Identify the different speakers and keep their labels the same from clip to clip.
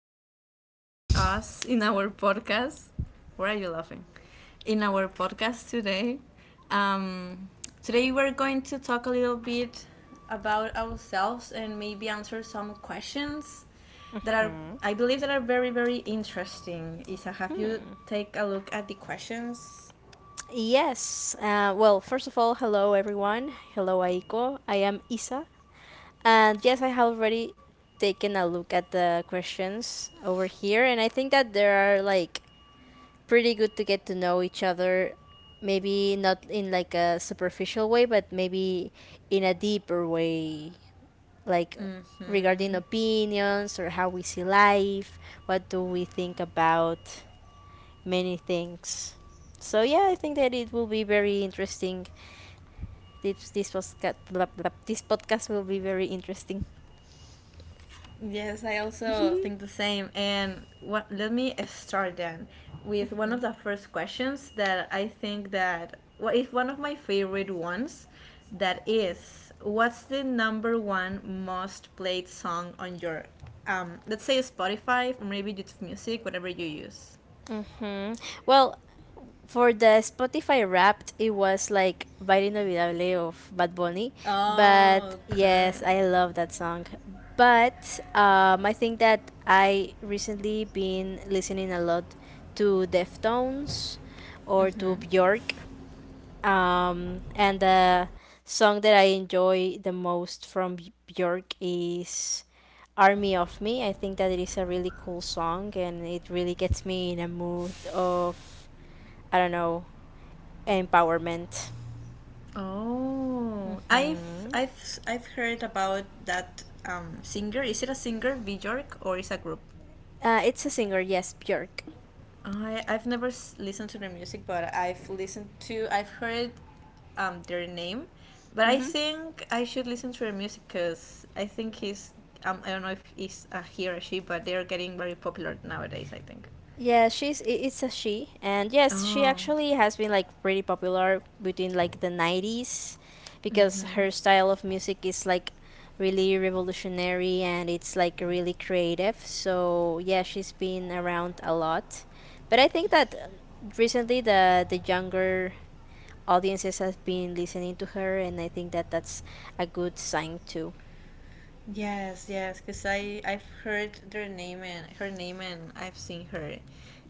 Speaker 1: you for joining us in our podcast. Why are you laughing? In our podcast today. Um, today, we're going to talk a little bit about ourselves and maybe answer some questions that are, I believe, that are very, very interesting. Isa, have you take a look at the questions?
Speaker 2: Yes. Well, first of all, hello everyone. Hello Aiko. I am Isa. And yes, I have already taken a look at the questions over here, and I think that they are like pretty good to get to know each other. Maybe not in like a superficial way, but maybe in a deeper way, like regarding
Speaker 1: Mm-hmm.
Speaker 2: opinions or how we see life, what do we think about many things. So yeah, I think that it will be very interesting. This this podcast will be very interesting.
Speaker 1: Yes, I also think the same. And let me start then with one of the first questions that I think that, well, it's one of my favorite ones. That is, what's the number one most played song on your, let's say Spotify, or maybe YouTube Music, whatever you use?
Speaker 2: Hmm. Well, for the Spotify Wrapped, it was like Baile Inolvidable of Bad Bunny, but
Speaker 1: Oh, okay.
Speaker 2: yes, I love that song. But I think that I recently been listening a lot to Deftones or to Bjork. And the song that I enjoy the most from Bjork is Army of Me. I think that it is a really cool song, and it really gets me in a mood of, I don't know, empowerment.
Speaker 1: Oh, I've
Speaker 2: Hmm.
Speaker 1: I've I've heard about that singer. Is it a singer, Bjork, or is a group?
Speaker 2: It's a singer, yes, Bjork.
Speaker 1: I've never listened to their music, but I've listened to I've heard their name, but I think I should listen to their music because I think he's I don't know if he's a he or a she, but they're getting very popular nowadays, I think.
Speaker 2: Yeah, it's a she, and yes, she
Speaker 1: Oh.
Speaker 2: actually has been like pretty popular between like the 90s because
Speaker 1: Mm-hmm.
Speaker 2: her style of music is like really revolutionary, and it's like really creative. So, yeah, she's been around a lot. But I think that recently the younger audiences have been listening to her, and I think that that's a good sign too.
Speaker 1: Yes, yes, because I've heard their name and her name and I've seen her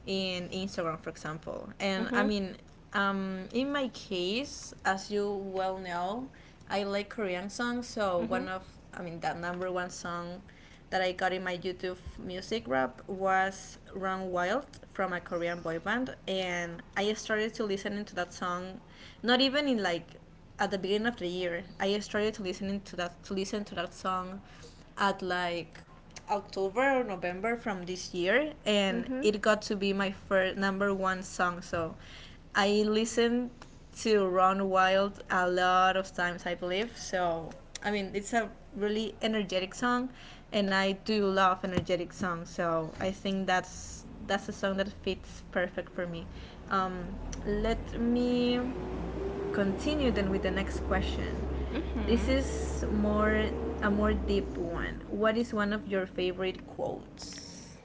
Speaker 1: in Instagram, for example. And I
Speaker 2: Mhm.
Speaker 1: mean, in my case, as you well know, I like Korean songs. So one of I mean that number one song that I got in my YouTube music rap was Run Wild from a Korean boy band, and I started to listening to that song, not even in like at the beginning of the year. I started to listen to that song at like October or November from this year, and
Speaker 2: Mhm.
Speaker 1: it got to be my first number one song. So I listened to run wild a lot of times, I believe. So, I mean, it's a really energetic song, and I do love energetic songs. So, I think that's a song that fits perfect for me. Um, Let me continue then with the next question. This is more a more deep one. What is one of your favorite quotes?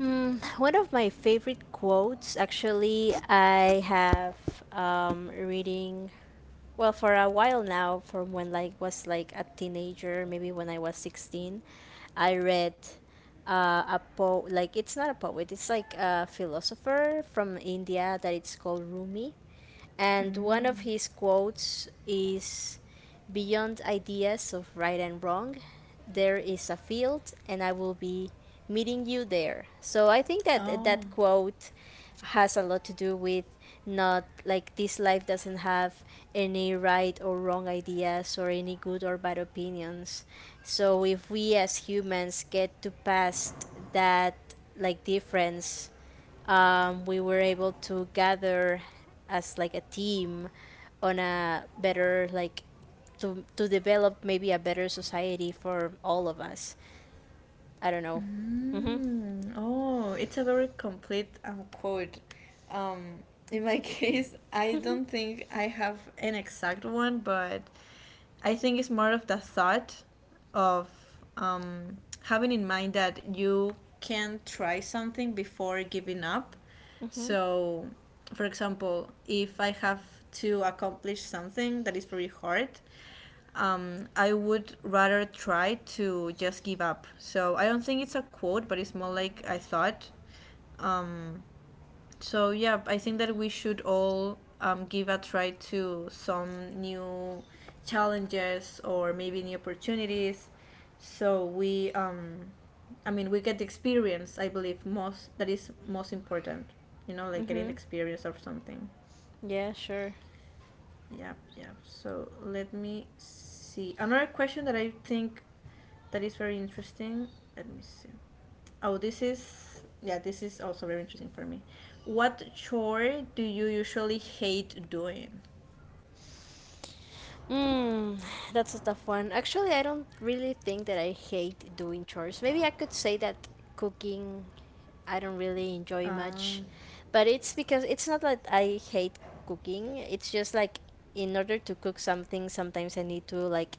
Speaker 2: One of my favorite quotes, actually, I have reading well for a while now from when like was like a teenager, maybe when I was 16, I read uh, a po like it's not a poet, it's like a philosopher from India that it's called Rumi. And one of his quotes is, "Beyond ideas of right and wrong, there is a field, and I will be meeting you there." So I think that
Speaker 1: Oh,
Speaker 2: that quote has a lot to do with, not like, this life doesn't have any right or wrong ideas or any good or bad opinions. So if we as humans get to past that like difference, we were able to gather as like a team on a better like to develop maybe a better society for all of us. I don't know.
Speaker 1: Oh, it's a very complete quote. Um, in my case, I don't think I have an exact one, but I think it's more of the thought of um, having in mind that you can try something before giving up.
Speaker 2: Mhm.
Speaker 1: So, for example, if I have to accomplish something that is very hard, I would rather try to just give up. So I don't think it's a quote, but it's more like I thought. Um, so yeah, I think that we should all give a try to some new challenges or maybe new opportunities. So I mean, we get the experience. I believe most that is most important. Like getting the
Speaker 2: Mhm.
Speaker 1: experience of something.
Speaker 2: Yeah, sure.
Speaker 1: Yep, yep. So let me see. Another question that I think that is very interesting. Let me see. Oh, this is also very interesting for me. What chore do you usually hate doing?
Speaker 2: Mm, that's a tough one. Actually, I don't really think that I hate doing chores. Maybe I could say that cooking I don't really enjoy
Speaker 1: Um,
Speaker 2: much, but it's because it's not that I hate cooking. It's just like, in order to cook something, sometimes I need to like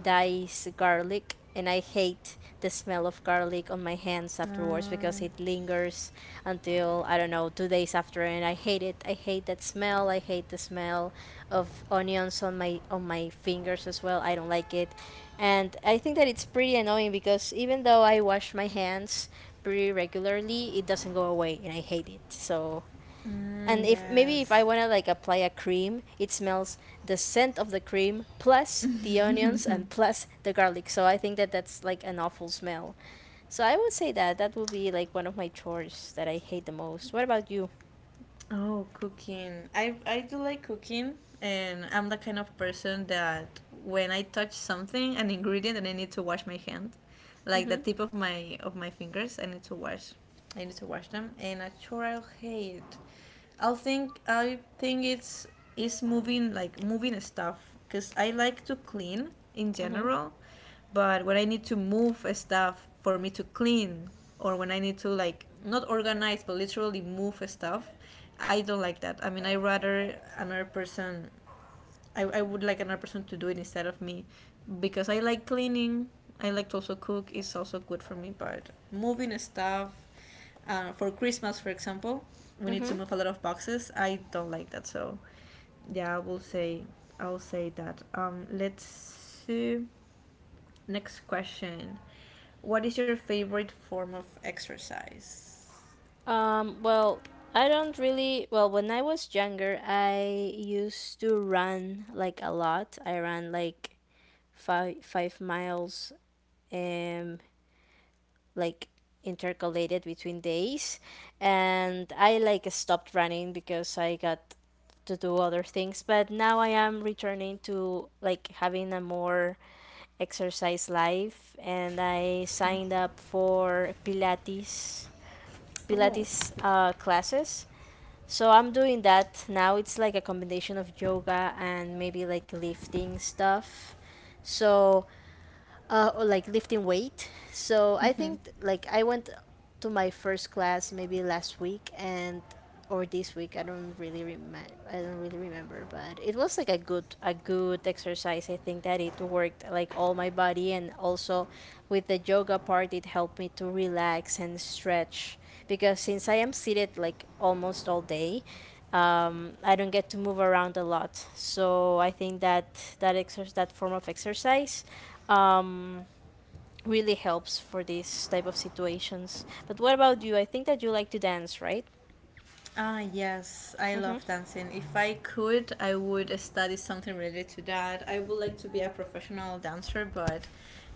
Speaker 2: diced garlic, and I hate the smell of garlic on my hands afterwards because
Speaker 1: uh,
Speaker 2: it lingers until, I don't know, 2 days after, and I hate it. I hate that smell. I hate the smell of onions on my fingers as well. I don't like it. And I think that it's pretty annoying because even though I wash my hands pretty regularly, it doesn't go away, and I hate it. So,
Speaker 1: mm,
Speaker 2: and if maybe if
Speaker 1: yes.
Speaker 2: I wanna like apply a cream, it smells the scent of the cream plus the onions and plus the garlic. So I think that that's like an awful smell. So I would say that that would be like one of my chores that I hate the most. What about you?
Speaker 1: Oh, cooking. I do like cooking, and I'm the kind of person that when I touch something, an ingredient, and I need to wash my hand, like the tip of my fingers, I need to wash. I need to wash them, and I sure I'll hate. I think it's moving, like moving stuff, because I like to clean in general, but when I need to move stuff for me to clean, or when I need to like not organize but literally move stuff, I don't like that. I mean, I rather another person. I would like another person to do it instead of me, because I like cleaning. I like to also cook. It's also good for me. But moving stuff for Christmas, for example, we need
Speaker 2: Mm-hmm.
Speaker 1: to move a lot of boxes. I don't like that. So yeah, I'll say that. Let's see. Next question. What is your favorite form of exercise?
Speaker 2: Well, I don't really. Well, when I was younger, I used to run like a lot. I ran like five miles, um like intercalated between days, and I like stopped running because I got to do other things. But now I am returning to like having a more exercise life, and I
Speaker 1: Hmm.
Speaker 2: signed up for pilates,
Speaker 1: Oh.
Speaker 2: classes, so I'm doing that now. It's like a combination of yoga and maybe like lifting stuff, so or like lifting weight. So I
Speaker 1: Mm-hmm.
Speaker 2: think like I went to my first class maybe last week and, or this week. I don't really remember. I don't really remember, but it was like a good exercise. I think that it worked like all my body, and also with the yoga part, it helped me to relax and stretch because since I am seated like almost all day, I don't get to move around a lot. So I think that that exercise, that form of exercise, really helps for these type of situations. But what about you? I think that you like to dance, right?
Speaker 1: Ah, yes, I love dancing. If I could, I would study something related to that. I would like to be a professional dancer, but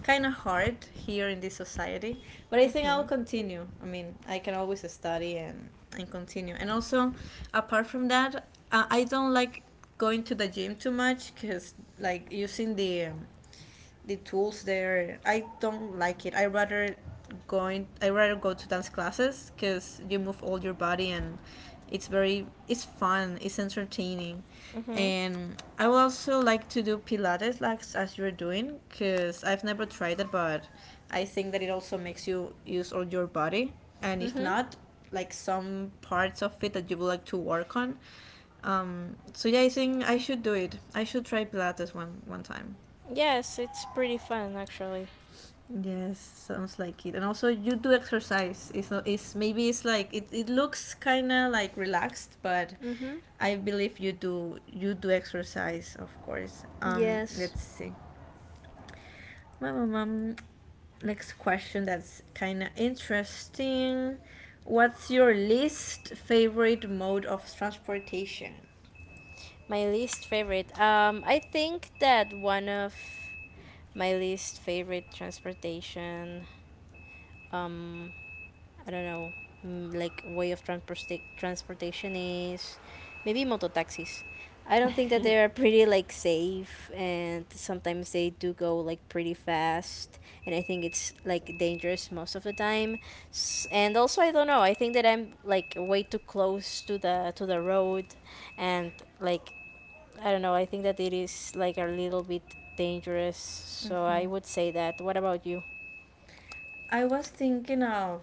Speaker 1: kind of hard here in this society. But I think I'll continue. I mean, I can always study and continue. And also, apart from that, I don't like going to the gym too much because, like, using the tools there. I don't like it. I rather going. I rather go to dance classes because you move all your body and it's fun. It's entertaining.
Speaker 2: Mhm.
Speaker 1: And I would also like to do Pilates, like as you're doing, because I've never tried it, but I think that it also makes you use all your body. And if
Speaker 2: Mhm.
Speaker 1: not, like some parts of it that you would like to work on. So yeah, I think I should do it. I should try Pilates one time.
Speaker 2: Yes, it's pretty fun actually.
Speaker 1: Yes, sounds like it. And also, you do exercise. It's, not- it's maybe it's like it looks kind of like relaxed, but
Speaker 2: Mhm.
Speaker 1: I believe you do exercise, of course.
Speaker 2: Yes.
Speaker 1: Let's see. Mum, mum, mum. Next question that's kind of interesting. What's your least favorite mode of transportation?
Speaker 2: My least favorite. I think that one of my least favorite transportation, um I don't know, like way of transportation is maybe moto taxis. I don't think that they are pretty like safe, and sometimes they do go like pretty fast, and I think it's like dangerous most of the time. And also I don't know, I think that I'm like way too close to the road, and like I don't know, I think that it is like a little bit dangerous. So I would say that. What about you?
Speaker 1: I was thinking of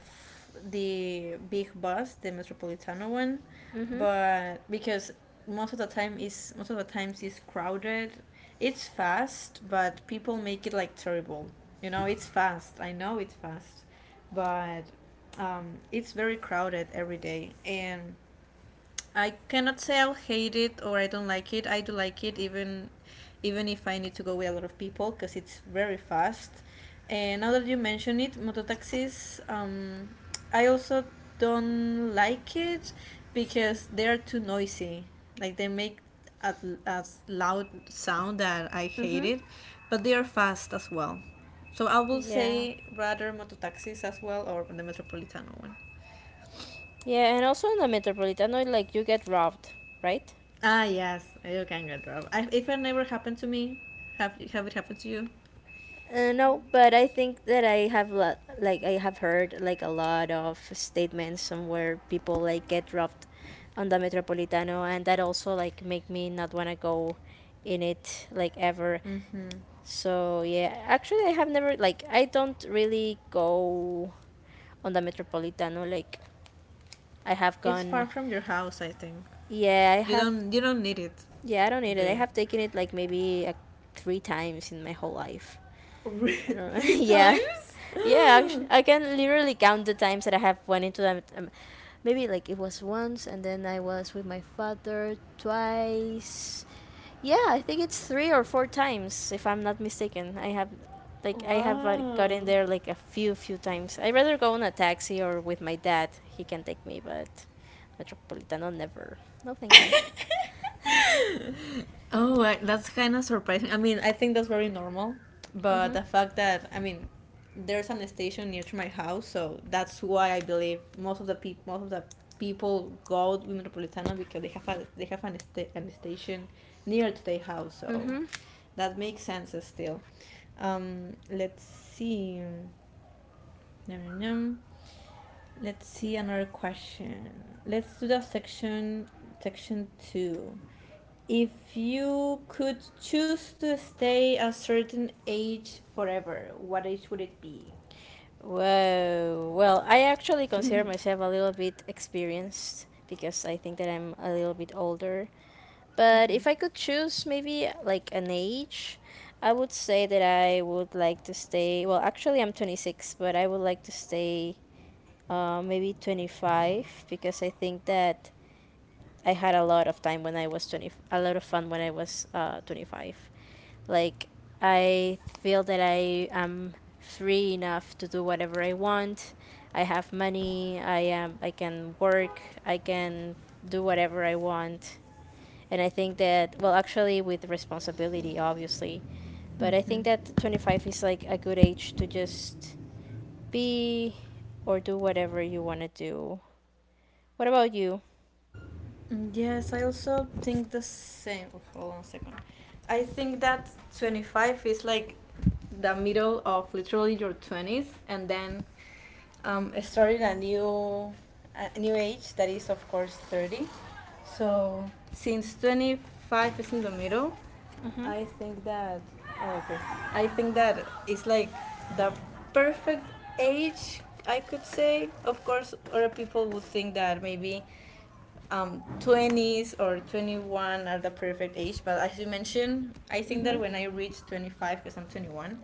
Speaker 1: the big bus, the Metropolitano one,
Speaker 2: Mhm.
Speaker 1: but because most of the time is most of the times is crowded. It's fast, but people make it like terrible. You know, it's fast. I know it's fast, but it's very crowded every day, and I cannot say I'll hate it or I don't like it. I do like it even if I need to go with a lot of people, because it's very fast. And now that you mention it, mototaxis, I also don't like it because they are too noisy. Like they make a, a loud sound that I hate
Speaker 2: Mhm.
Speaker 1: it, but they are fast as well. So I will
Speaker 2: Yeah.
Speaker 1: say rather mototaxis as well or the Metropolitano one.
Speaker 2: Yeah, and also in the Metropolitano, like you get robbed, right?
Speaker 1: Ah, yes, you can get robbed. If it never happened to me, have it happened to you?
Speaker 2: No, but I think that I have like I have heard like a lot of statements somewhere people like get robbed on the Metropolitano, and that also like make me not wanna go in it like ever.
Speaker 1: hmm
Speaker 2: So yeah, actually I have never like I don't really go on the Metropolitano. Like I have
Speaker 1: It's far
Speaker 2: gone,
Speaker 1: from your house, I think.
Speaker 2: yeah, I
Speaker 1: You
Speaker 2: have,
Speaker 1: don't you don't need it,
Speaker 2: yeah, I don't need
Speaker 1: do
Speaker 2: it. I
Speaker 1: you?
Speaker 2: have taken it like maybe three times in my whole life. I don't know.
Speaker 1: Three
Speaker 2: Yeah,
Speaker 1: times?
Speaker 2: yeah. Actually, I can literally count the times that I have went into them. Maybe like it was once, and then I was with my father twice. Yeah, I think it's three or four times, if I'm not mistaken. I have
Speaker 1: Wow.
Speaker 2: gotten there like a few, few times. I rather go on a taxi or with my dad. He can take me, but Metropolitano never. No, thank you.
Speaker 1: Oh, that's kind of surprising. I mean, I think that's very normal, but
Speaker 2: Mhm.
Speaker 1: the fact that I mean, there's an station near to my house, so that's why I believe most of the people go to Metropolitano because they have an, an station near to their house, so
Speaker 2: Mhm.
Speaker 1: that makes sense still. Let's see. Nom, nom, nom. Let's see another question. Let's do the section two. If you could choose to stay a certain age forever, what age would it be?
Speaker 2: Whoa. Well, I actually consider myself a little bit experienced because I think that I'm a little bit older. But
Speaker 1: Mm,
Speaker 2: if I could choose maybe like an age, I would say that I would like to stay. Well, actually, I'm 26, but I would like to stay maybe 25 because I think that I had a lot of time when I was 20, a lot of fun when I was 25. Like I feel that I am free enough to do whatever I want. I have money. I am. I can work. I can do whatever I want. And I think that, well, actually, with responsibility, obviously. But I think that 25 is like a good age to just be or do whatever you want to do. What about you?
Speaker 1: Yes, I also think the same. Oh, hold on a second. I think that 25 is like the middle of literally your 20s, and then starting a new age that is, of course, 30. So since 25 is in the middle,
Speaker 2: Mhm.
Speaker 1: I think that, oh, okay. I think that it's like the perfect age, I could say. Of course, other people would think that maybe 20s or 21 are the perfect age. But as you mentioned, I think that
Speaker 2: Mhm.
Speaker 1: when I reach 25, because I'm 21,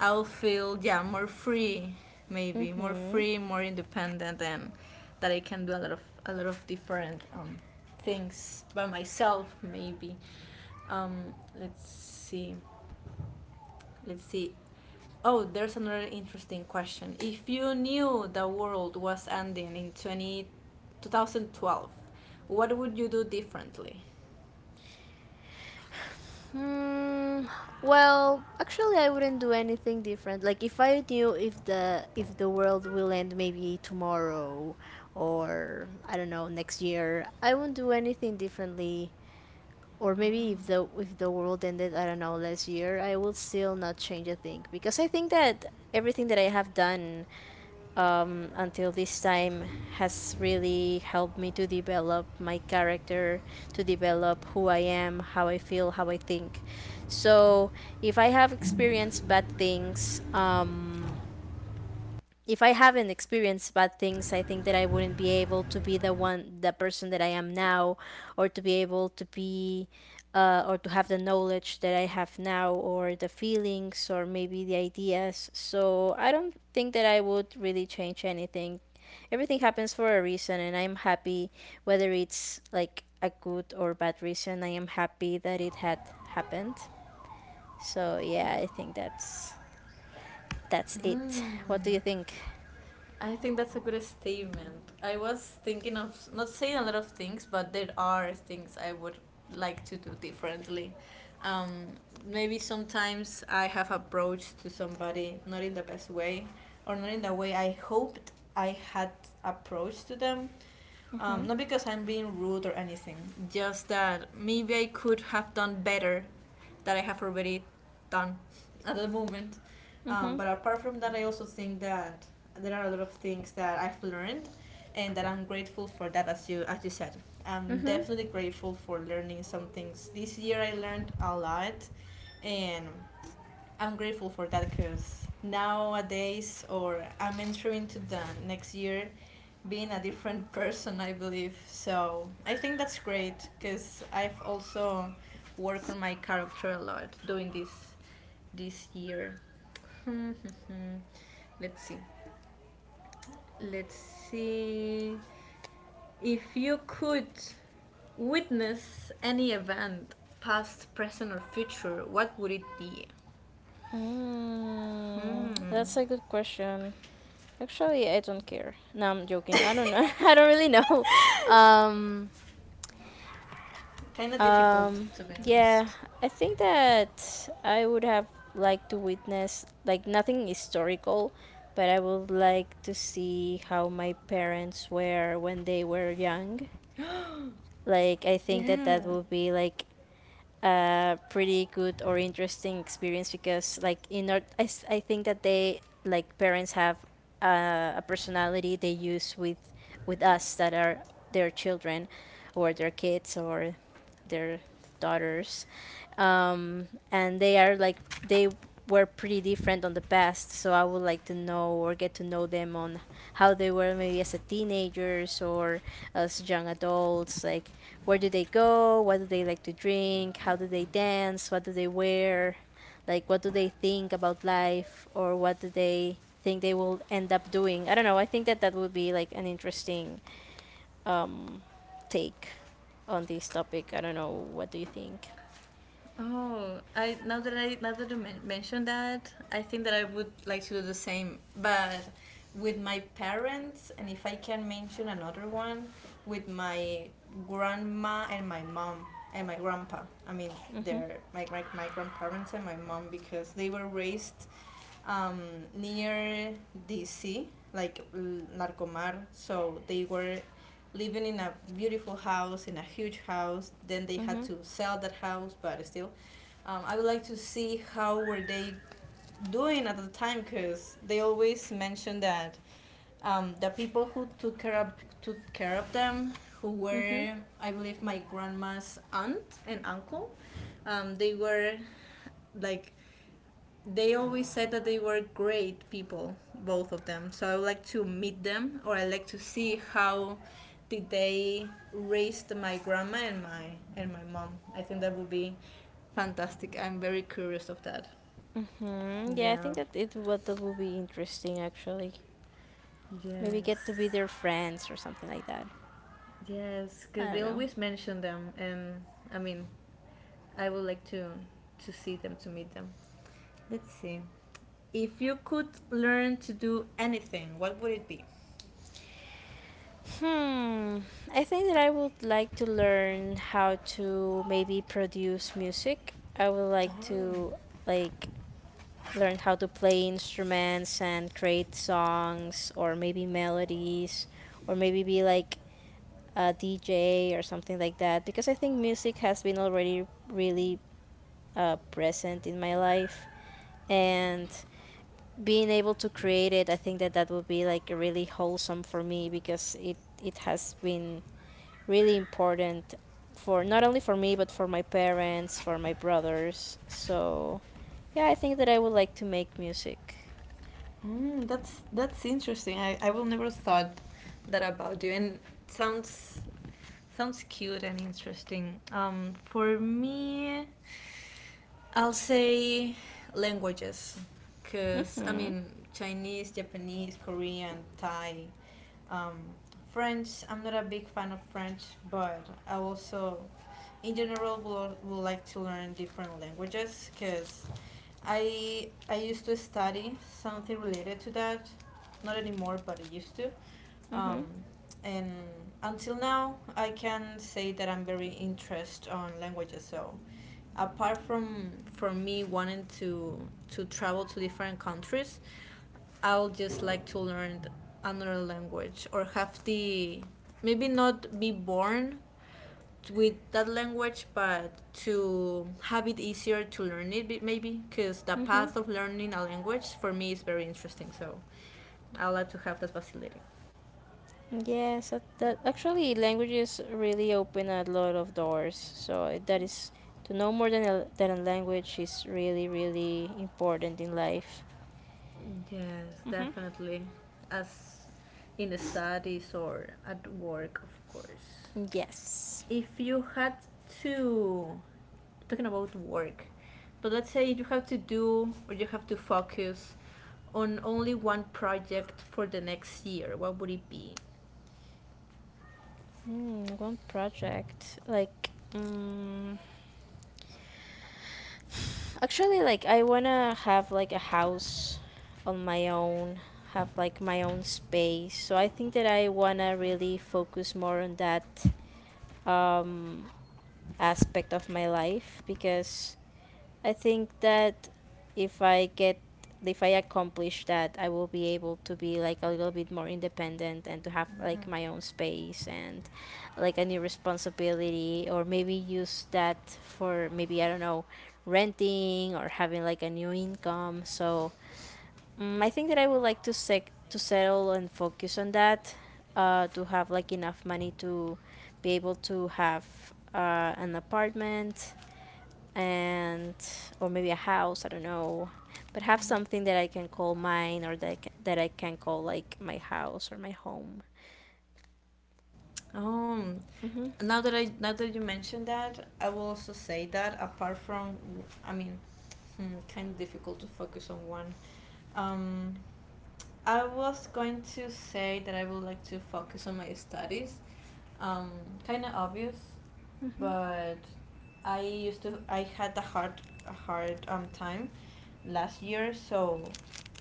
Speaker 1: I'll feel, more free, maybe more
Speaker 2: Mhm.
Speaker 1: free, more independent, and that I can do a lot of different things by myself, maybe. Um, let's see. Let's see. Oh, there's another interesting question. If you knew the world was ending in 20, 2012, what would you do differently?
Speaker 2: Mm, well, actually, I wouldn't do anything different. Like if I knew, if the world will end maybe tomorrow, or I don't know, next year, I wouldn't do anything differently. Or maybe if the world ended, I don't know, last year, I will still not change a thing because I think that everything that I have done, until this time, has really helped me to develop my character, to develop who I am, how I feel, how I think. So if I have experienced bad things, if I haven't experienced bad things, I think that I wouldn't be able to be the one, the person that I am now, or to be able to be, or to have the knowledge that I have now, or the feelings, or maybe the ideas. So I don't think that I would really change anything. Everything happens for a reason, and I'm happy whether it's like a good or bad reason. I am happy that it had happened. So yeah, I think that's it.
Speaker 1: Hmm.
Speaker 2: What do you think?
Speaker 1: I think that's a good statement. I was thinking of not saying a lot of things, but there are things I would like to do differently. Um, Maybe sometimes I have approached to somebody not in the best way, or not in the way I hoped I had approached to them. Not because I'm being rude or anything, just that maybe I could have done better that I have already done at the moment.
Speaker 2: Mm-hmm.
Speaker 1: But apart from that, I also think that there are a lot of things that I've learned, and that I'm grateful for that. As you said, I'm definitely grateful for learning some things. This year I learned a lot, and I'm grateful for that because nowadays, or I'm entering to the next year being a different person, I believe. So I think that's great because I've also worked on my character a lot doing this year. Let's see. Let's see. If you could witness any event, past, present, or future, what would it be? Hmm.
Speaker 2: That's a good question. Actually, I don't care. No, I'm joking. I don't know. I don't really know. Um,
Speaker 1: Kind of difficult,
Speaker 2: um,
Speaker 1: to be
Speaker 2: yeah,
Speaker 1: honest.
Speaker 2: I think that I would have liked to witness like nothing historical, but I would like to see how my parents were when they were young. Like, I think that that
Speaker 1: Yeah.
Speaker 2: would be like a pretty good or interesting experience because like in our I, s- I think that they, like, parents have a personality they use with us that are their children or their kids or their daughters, and they are like they were pretty different on the past. So I would like to know or get to know them on how they were, maybe as a teenagers or as young adults, like where do they go, what do they like to drink, how do they dance, what do they wear, like what do they think about life, or what do they think they will end up doing. I don't know, I think that that would be like an interesting um take on this topic. I don't know, what do you think?
Speaker 1: Oh, I now that you mentioned that, I think that I would like to do the same, but with my parents, and if I can mention another one, with my grandma and my mom and my grandpa. I mean, they're my grandparents and my mom because they were raised um, near DC, like Narcomar. So they were living in a beautiful house, in a huge house. Then they had
Speaker 2: Mm-hmm.
Speaker 1: to sell that house, but still, I would like to see how were they doing at the time, because they always mention that the people who took care of them, who
Speaker 2: Mm-hmm.
Speaker 1: were, I believe, my grandma's aunt and uncle, they were like they always said that they were great people, both of them. So I would like to meet them, or I like to see how did they raise my grandma and my mom. I think that would be fantastic. I'm very curious of that.
Speaker 2: Mm, yeah, I
Speaker 1: Yeah.
Speaker 2: think that it what that would be interesting actually. Maybe
Speaker 1: Yes.
Speaker 2: get to be their friends or something like that.
Speaker 1: Yes, because
Speaker 2: I
Speaker 1: they
Speaker 2: don't know.
Speaker 1: always mention them, and I mean, I would like to see them, to meet them. Let's see. If you could learn to do anything, what would it be?
Speaker 2: Hmm. I think that I would like to learn how to maybe produce music. I would like to
Speaker 1: Oh.
Speaker 2: like learn how to play instruments and create songs or maybe melodies, or maybe be like a DJ or something like that, because I think music has been already really present in my life, and being able to create it, I think that that would be like really wholesome for me because it has been really important for, not only for me but for my parents, for my brothers. So, yeah, I think that I would like to make music.
Speaker 1: Mm, that's interesting. I will never thought that about you, and sounds cute and interesting. For me, I'll say languages, cause I
Speaker 2: Mhm.
Speaker 1: mean Chinese, Japanese, Korean, Thai, um, French. I'm not a big fan of French, but I also, in general, will like to learn different languages, cause I used to study something related to that, not anymore, but I used to. Um,
Speaker 2: Mhm.
Speaker 1: and until now, I can say that I'm very interested on languages. So, apart from me wanting to travel to different countries, I'll just like to learn another language or have the maybe not be born with that language but to have it easier to learn it maybe because the
Speaker 2: Mhm.
Speaker 1: path of learning a language for me is very interesting, so I like to have that facility.
Speaker 2: Yes, that, that actually, languages really open a lot of doors. So that is, to know more than a language is really really important in life.
Speaker 1: Yes,
Speaker 2: Mhm.
Speaker 1: definitely. As in the studies or at work, of course.
Speaker 2: Yes.
Speaker 1: If you had to, talking about work, but let's say you have to do or you have to focus on only one project for the next year, what would it be?
Speaker 2: Mm, one project, like, mm, actually, like, I wanna have like a house on my own, have like my own space. So I think that I wanna really focus more on that um aspect of my life, because I think that if I get if I accomplish that, I will be able to be like a little bit more independent and to have like my own space and like a new responsibility, or maybe use that for, maybe I don't know, renting or having like a new income. So, mm, I think that I would like to to settle and focus on that, to have like enough money to be able to have an apartment, and or maybe a house, I don't know, but have something that I can call mine, or that I can call like my house or my home.
Speaker 1: Oh.
Speaker 2: Mm-hmm.
Speaker 1: now that I now that you mentioned that, I will also say that apart from, I mean, hmm, kind of difficult to focus on one. Um, I was going to say that I would like to focus on my studies. Um, kind of obvious, but I used to I had a hard time last year, so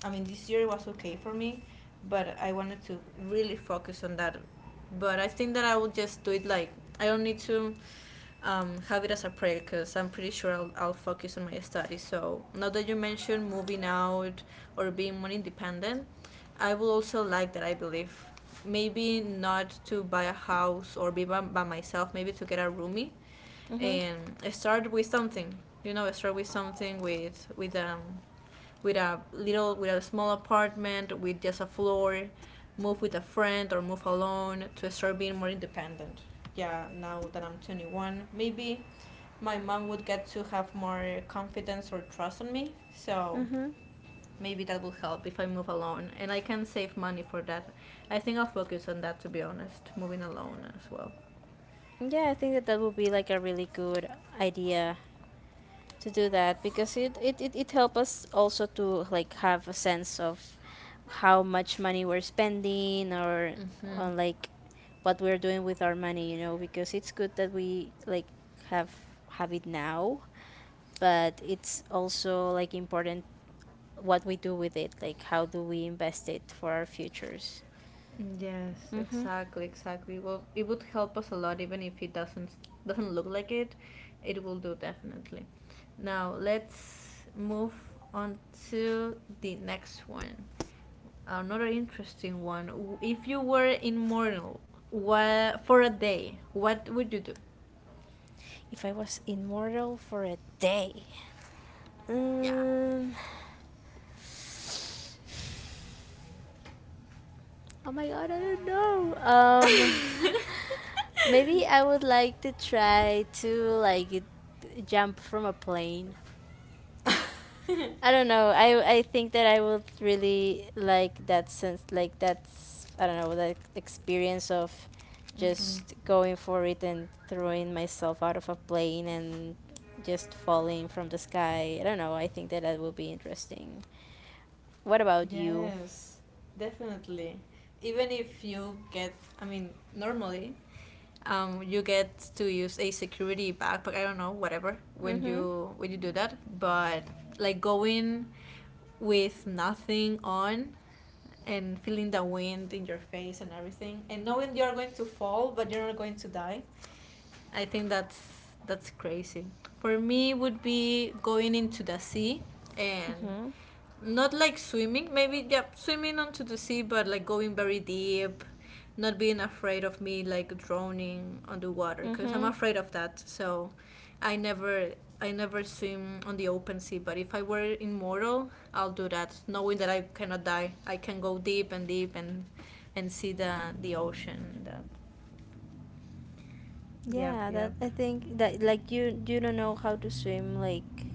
Speaker 1: I mean this year was okay for me, but I wanted to really focus on that. But I think that I will just do it like I don't need to have it as a project because I'm pretty sure I'll focus on my studies. So now that you mentioned moving out or being more independent, I will also like that. I believe maybe not to buy a house or be by myself. Maybe to get a roomie
Speaker 2: Mm-hmm.
Speaker 1: and start with something. You know, start with something with with a little with a small apartment with just a floor. Move with a friend or move alone to start being more independent. Yeah, now that I'm 21, maybe my mom would get to have more confidence or trust in me. So
Speaker 2: Mm-hmm.
Speaker 1: maybe that will help if I move alone. And I can save money for that. I think I'll focus on that, to be honest, moving alone as well.
Speaker 2: Yeah, I think that that would be like a really good idea to do that, because it helps us also to like have a sense of how much money we're spending, or
Speaker 1: Mm-hmm.
Speaker 2: on like what we're doing with our money, you know, because it's good that we like have have it now, but it's also like important what we do with it, like how do we invest it for our futures.
Speaker 1: Yes,
Speaker 2: Mm-hmm.
Speaker 1: exactly, exactly. Well, it would help us a lot, even if it doesn't look like it. It will do definitely. Now let's move on to the next one. Another interesting one. If you were immortal, what for a day? What would you do?
Speaker 2: If I was immortal for a day,
Speaker 1: Yeah.
Speaker 2: um, oh my god, I don't know. Maybe I would like to try to like jump from a plane. I don't know. I think that I would really like that sense, like that's I don't know, that experience of just
Speaker 1: Mm-hmm.
Speaker 2: going for it and throwing myself out of a plane and just falling from the sky. I don't know. I think that that would be interesting. What about you?
Speaker 1: Yes, definitely. Even if you get, I mean, normally, you get to use a security backpack. I don't know, whatever.
Speaker 2: Mhm.
Speaker 1: When you do that, but like going with nothing on and feeling the wind in your face and everything, and knowing you're going to fall, but you're not going to die. I think that's crazy. For me, would be going into the sea and
Speaker 2: Mhm.
Speaker 1: not like swimming. Maybe yeah, swimming onto the sea, but like going very deep, not being afraid of me like drowning underwater because I'm
Speaker 2: Mhm.
Speaker 1: afraid of that. So I never I never swim on the open sea. But if I were immortal, I'll do that, knowing that I cannot die. I can go deep and deep and see the ocean. That. Yep.
Speaker 2: Yeah, that,
Speaker 1: Yep.
Speaker 2: I think that, like, you don't know how to swim, like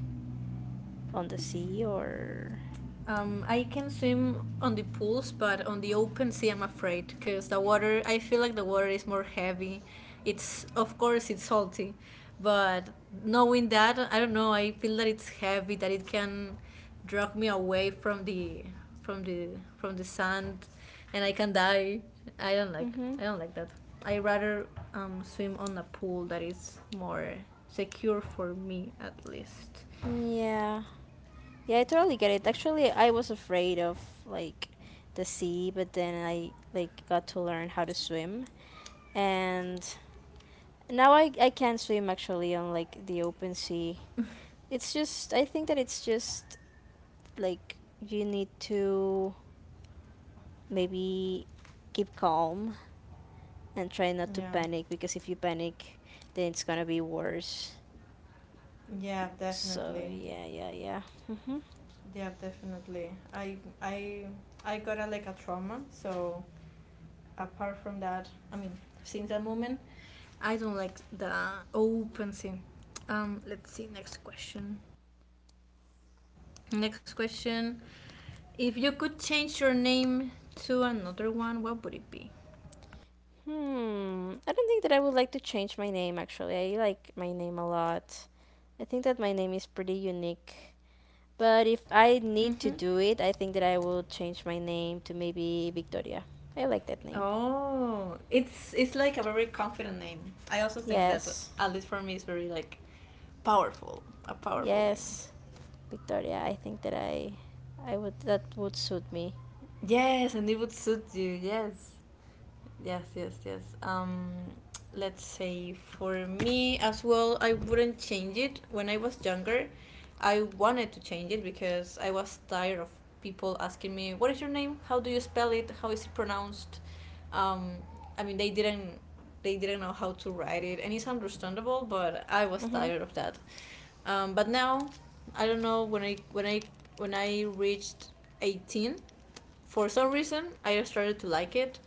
Speaker 2: on the sea or
Speaker 1: I can swim on the pools, but on the open sea, I'm afraid because the water. I feel like the water is more heavy. It's of course it's salty, but knowing that, I don't know. I feel that it's heavy. That it can drag me away from the from the from the sand, and I can die. I don't like.
Speaker 2: Mhm.
Speaker 1: I don't like that. I rather swim on a pool that is more secure for me, at least.
Speaker 2: Yeah. Yeah, I totally get it. Actually, I was afraid of like the sea, but then I like got to learn how to swim. And now I can swim actually on like the open sea. It's just, I think that it's just like you need to maybe keep calm and try not to
Speaker 1: Yeah,
Speaker 2: panic, because if you panic, then it's going to be worse.
Speaker 1: yeah,
Speaker 2: So,
Speaker 1: definitely.
Speaker 2: yeah, yeah, yeah.
Speaker 1: Yeah, definitely. I I got a, like a trauma, so apart from that, I mean, since that moment, I don't like the open scene. Let's see. Next question. Next question. If you could change your name to another one, what would it be?
Speaker 2: Hmm. I don't think that I would like to change my name actually. I like my name a lot. I think that my name is pretty unique. But if I need to
Speaker 1: Mm-hmm.
Speaker 2: do it, I think that I will change my name to maybe Victoria. I like that name.
Speaker 1: Oh, it's like a very confident name. I also think that
Speaker 2: Yes.
Speaker 1: at least for me, it's very like powerful, a powerful name.
Speaker 2: Yes. Victoria. I think that I would, that would suit me.
Speaker 1: Yes, and it would suit you. Yes. Yes, yes, yes. Let's say for me as well, I wouldn't change it. When I was younger, I wanted to change it because I was tired of people asking me, "What is your name? How do you spell it? How is it pronounced?" Um, I mean, they didn't know how to write it, and it's understandable. But I was
Speaker 2: Mm-hmm.
Speaker 1: tired of that. But now, I don't know when I when I reached 18, for some reason I started to like it.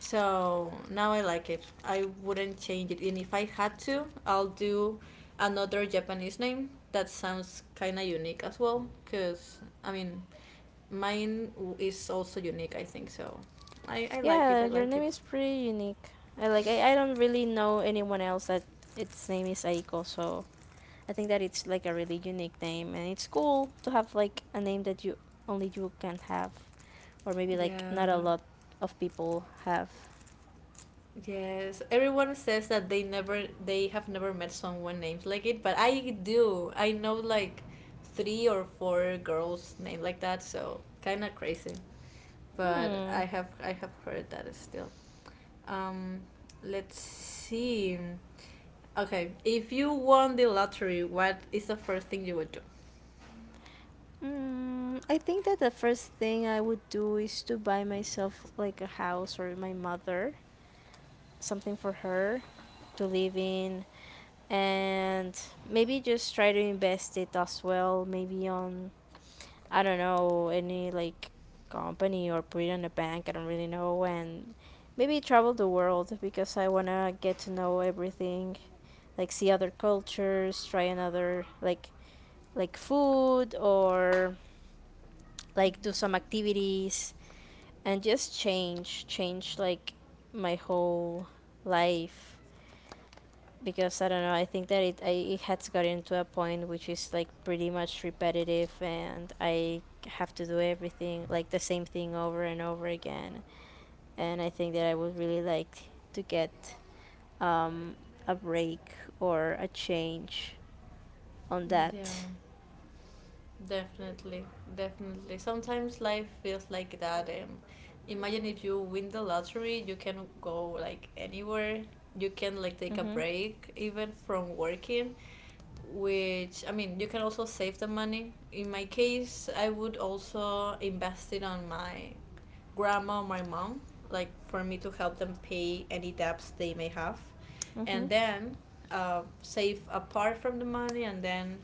Speaker 1: So now I like it. I wouldn't change it, and if I had to, I'll do another Japanese name that sounds kind of unique as well. Cause I mean, mine is also unique. I think so. I like it.
Speaker 2: Yeah,
Speaker 1: I
Speaker 2: your
Speaker 1: like
Speaker 2: name
Speaker 1: it.
Speaker 2: is pretty unique. I like, I don't really know anyone else that its name is Aiko, so I think that it's like a really unique name, and it's cool to have like a name that you only you can have, or maybe like not a
Speaker 1: Yeah.
Speaker 2: lot of people have.
Speaker 1: Yes. Everyone says that they have never met someone named like it, but I do. I know like three or four girls named like that. So kind of crazy. But
Speaker 2: Hmm.
Speaker 1: I have heard that still. Um, let's see. Okay, if you won the lottery, what is the first thing you would do?
Speaker 2: Mm, I think that the first thing I would do is to buy myself like a house, or my mother something for her to live in, and maybe just try to invest it as well, maybe on, I don't know, any like company or put it in a bank. I don't really know. And maybe travel the world, because I want to get to know everything, like see other cultures, try another like food, or like do some activities, and just change like my whole life, because I don't know, I think that it has gotten to a point which is like pretty much repetitive, and I have to do everything like the same thing over and over again. And I think that I would really like to get a break or a change on
Speaker 1: Yeah.
Speaker 2: that.
Speaker 1: Definitely, definitely. Sometimes life feels like that. Imagine if you win the lottery, you can go like anywhere. You can like take a break even from working, which I mean, you can also save the money. In my case, I would also invest it on my grandma or my mom, like for me to help them pay any debts they may have,
Speaker 2: Hmm.
Speaker 1: and then save apart from the money and then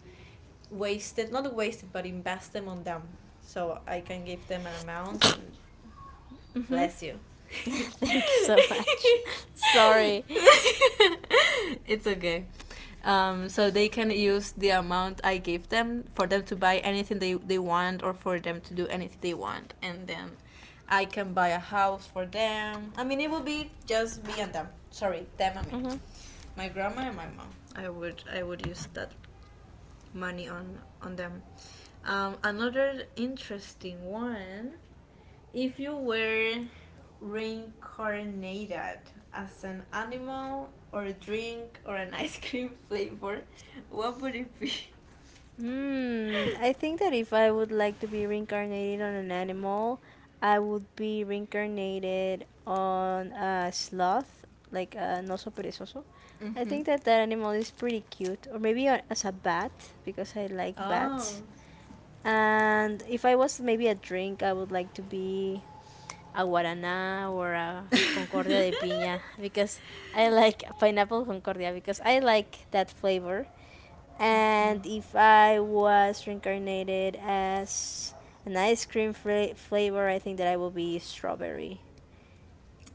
Speaker 1: waste it, not waste it, but invest them on them. So I can give them an amount and bless you.
Speaker 2: Thank you so much. Sorry.
Speaker 1: It's okay. So they can use the amount I gave them for them to buy anything they want or for them to do anything they want. And then I can buy a house for them. I mean, it will be just me and them. Sorry, them and me.
Speaker 2: Hmm.
Speaker 1: My grandma and my mom. I would use that money on them. Another interesting one, if you were reincarnated as an animal or a drink or an ice cream flavor, what would it be?
Speaker 2: Hmm, I think that if I would like to be reincarnated on an animal, I would be reincarnated on a sloth, like a oso perezoso. I
Speaker 1: Mm-hmm.
Speaker 2: think that that animal is pretty cute, or maybe as a bat, because I like
Speaker 1: Oh,
Speaker 2: bats. And if I was maybe a drink, I would like to be a guaraná or a concordia de piña, because I like pineapple concordia, because I like that flavor. And if I was reincarnated as an ice cream flavor, I think that I will be strawberry.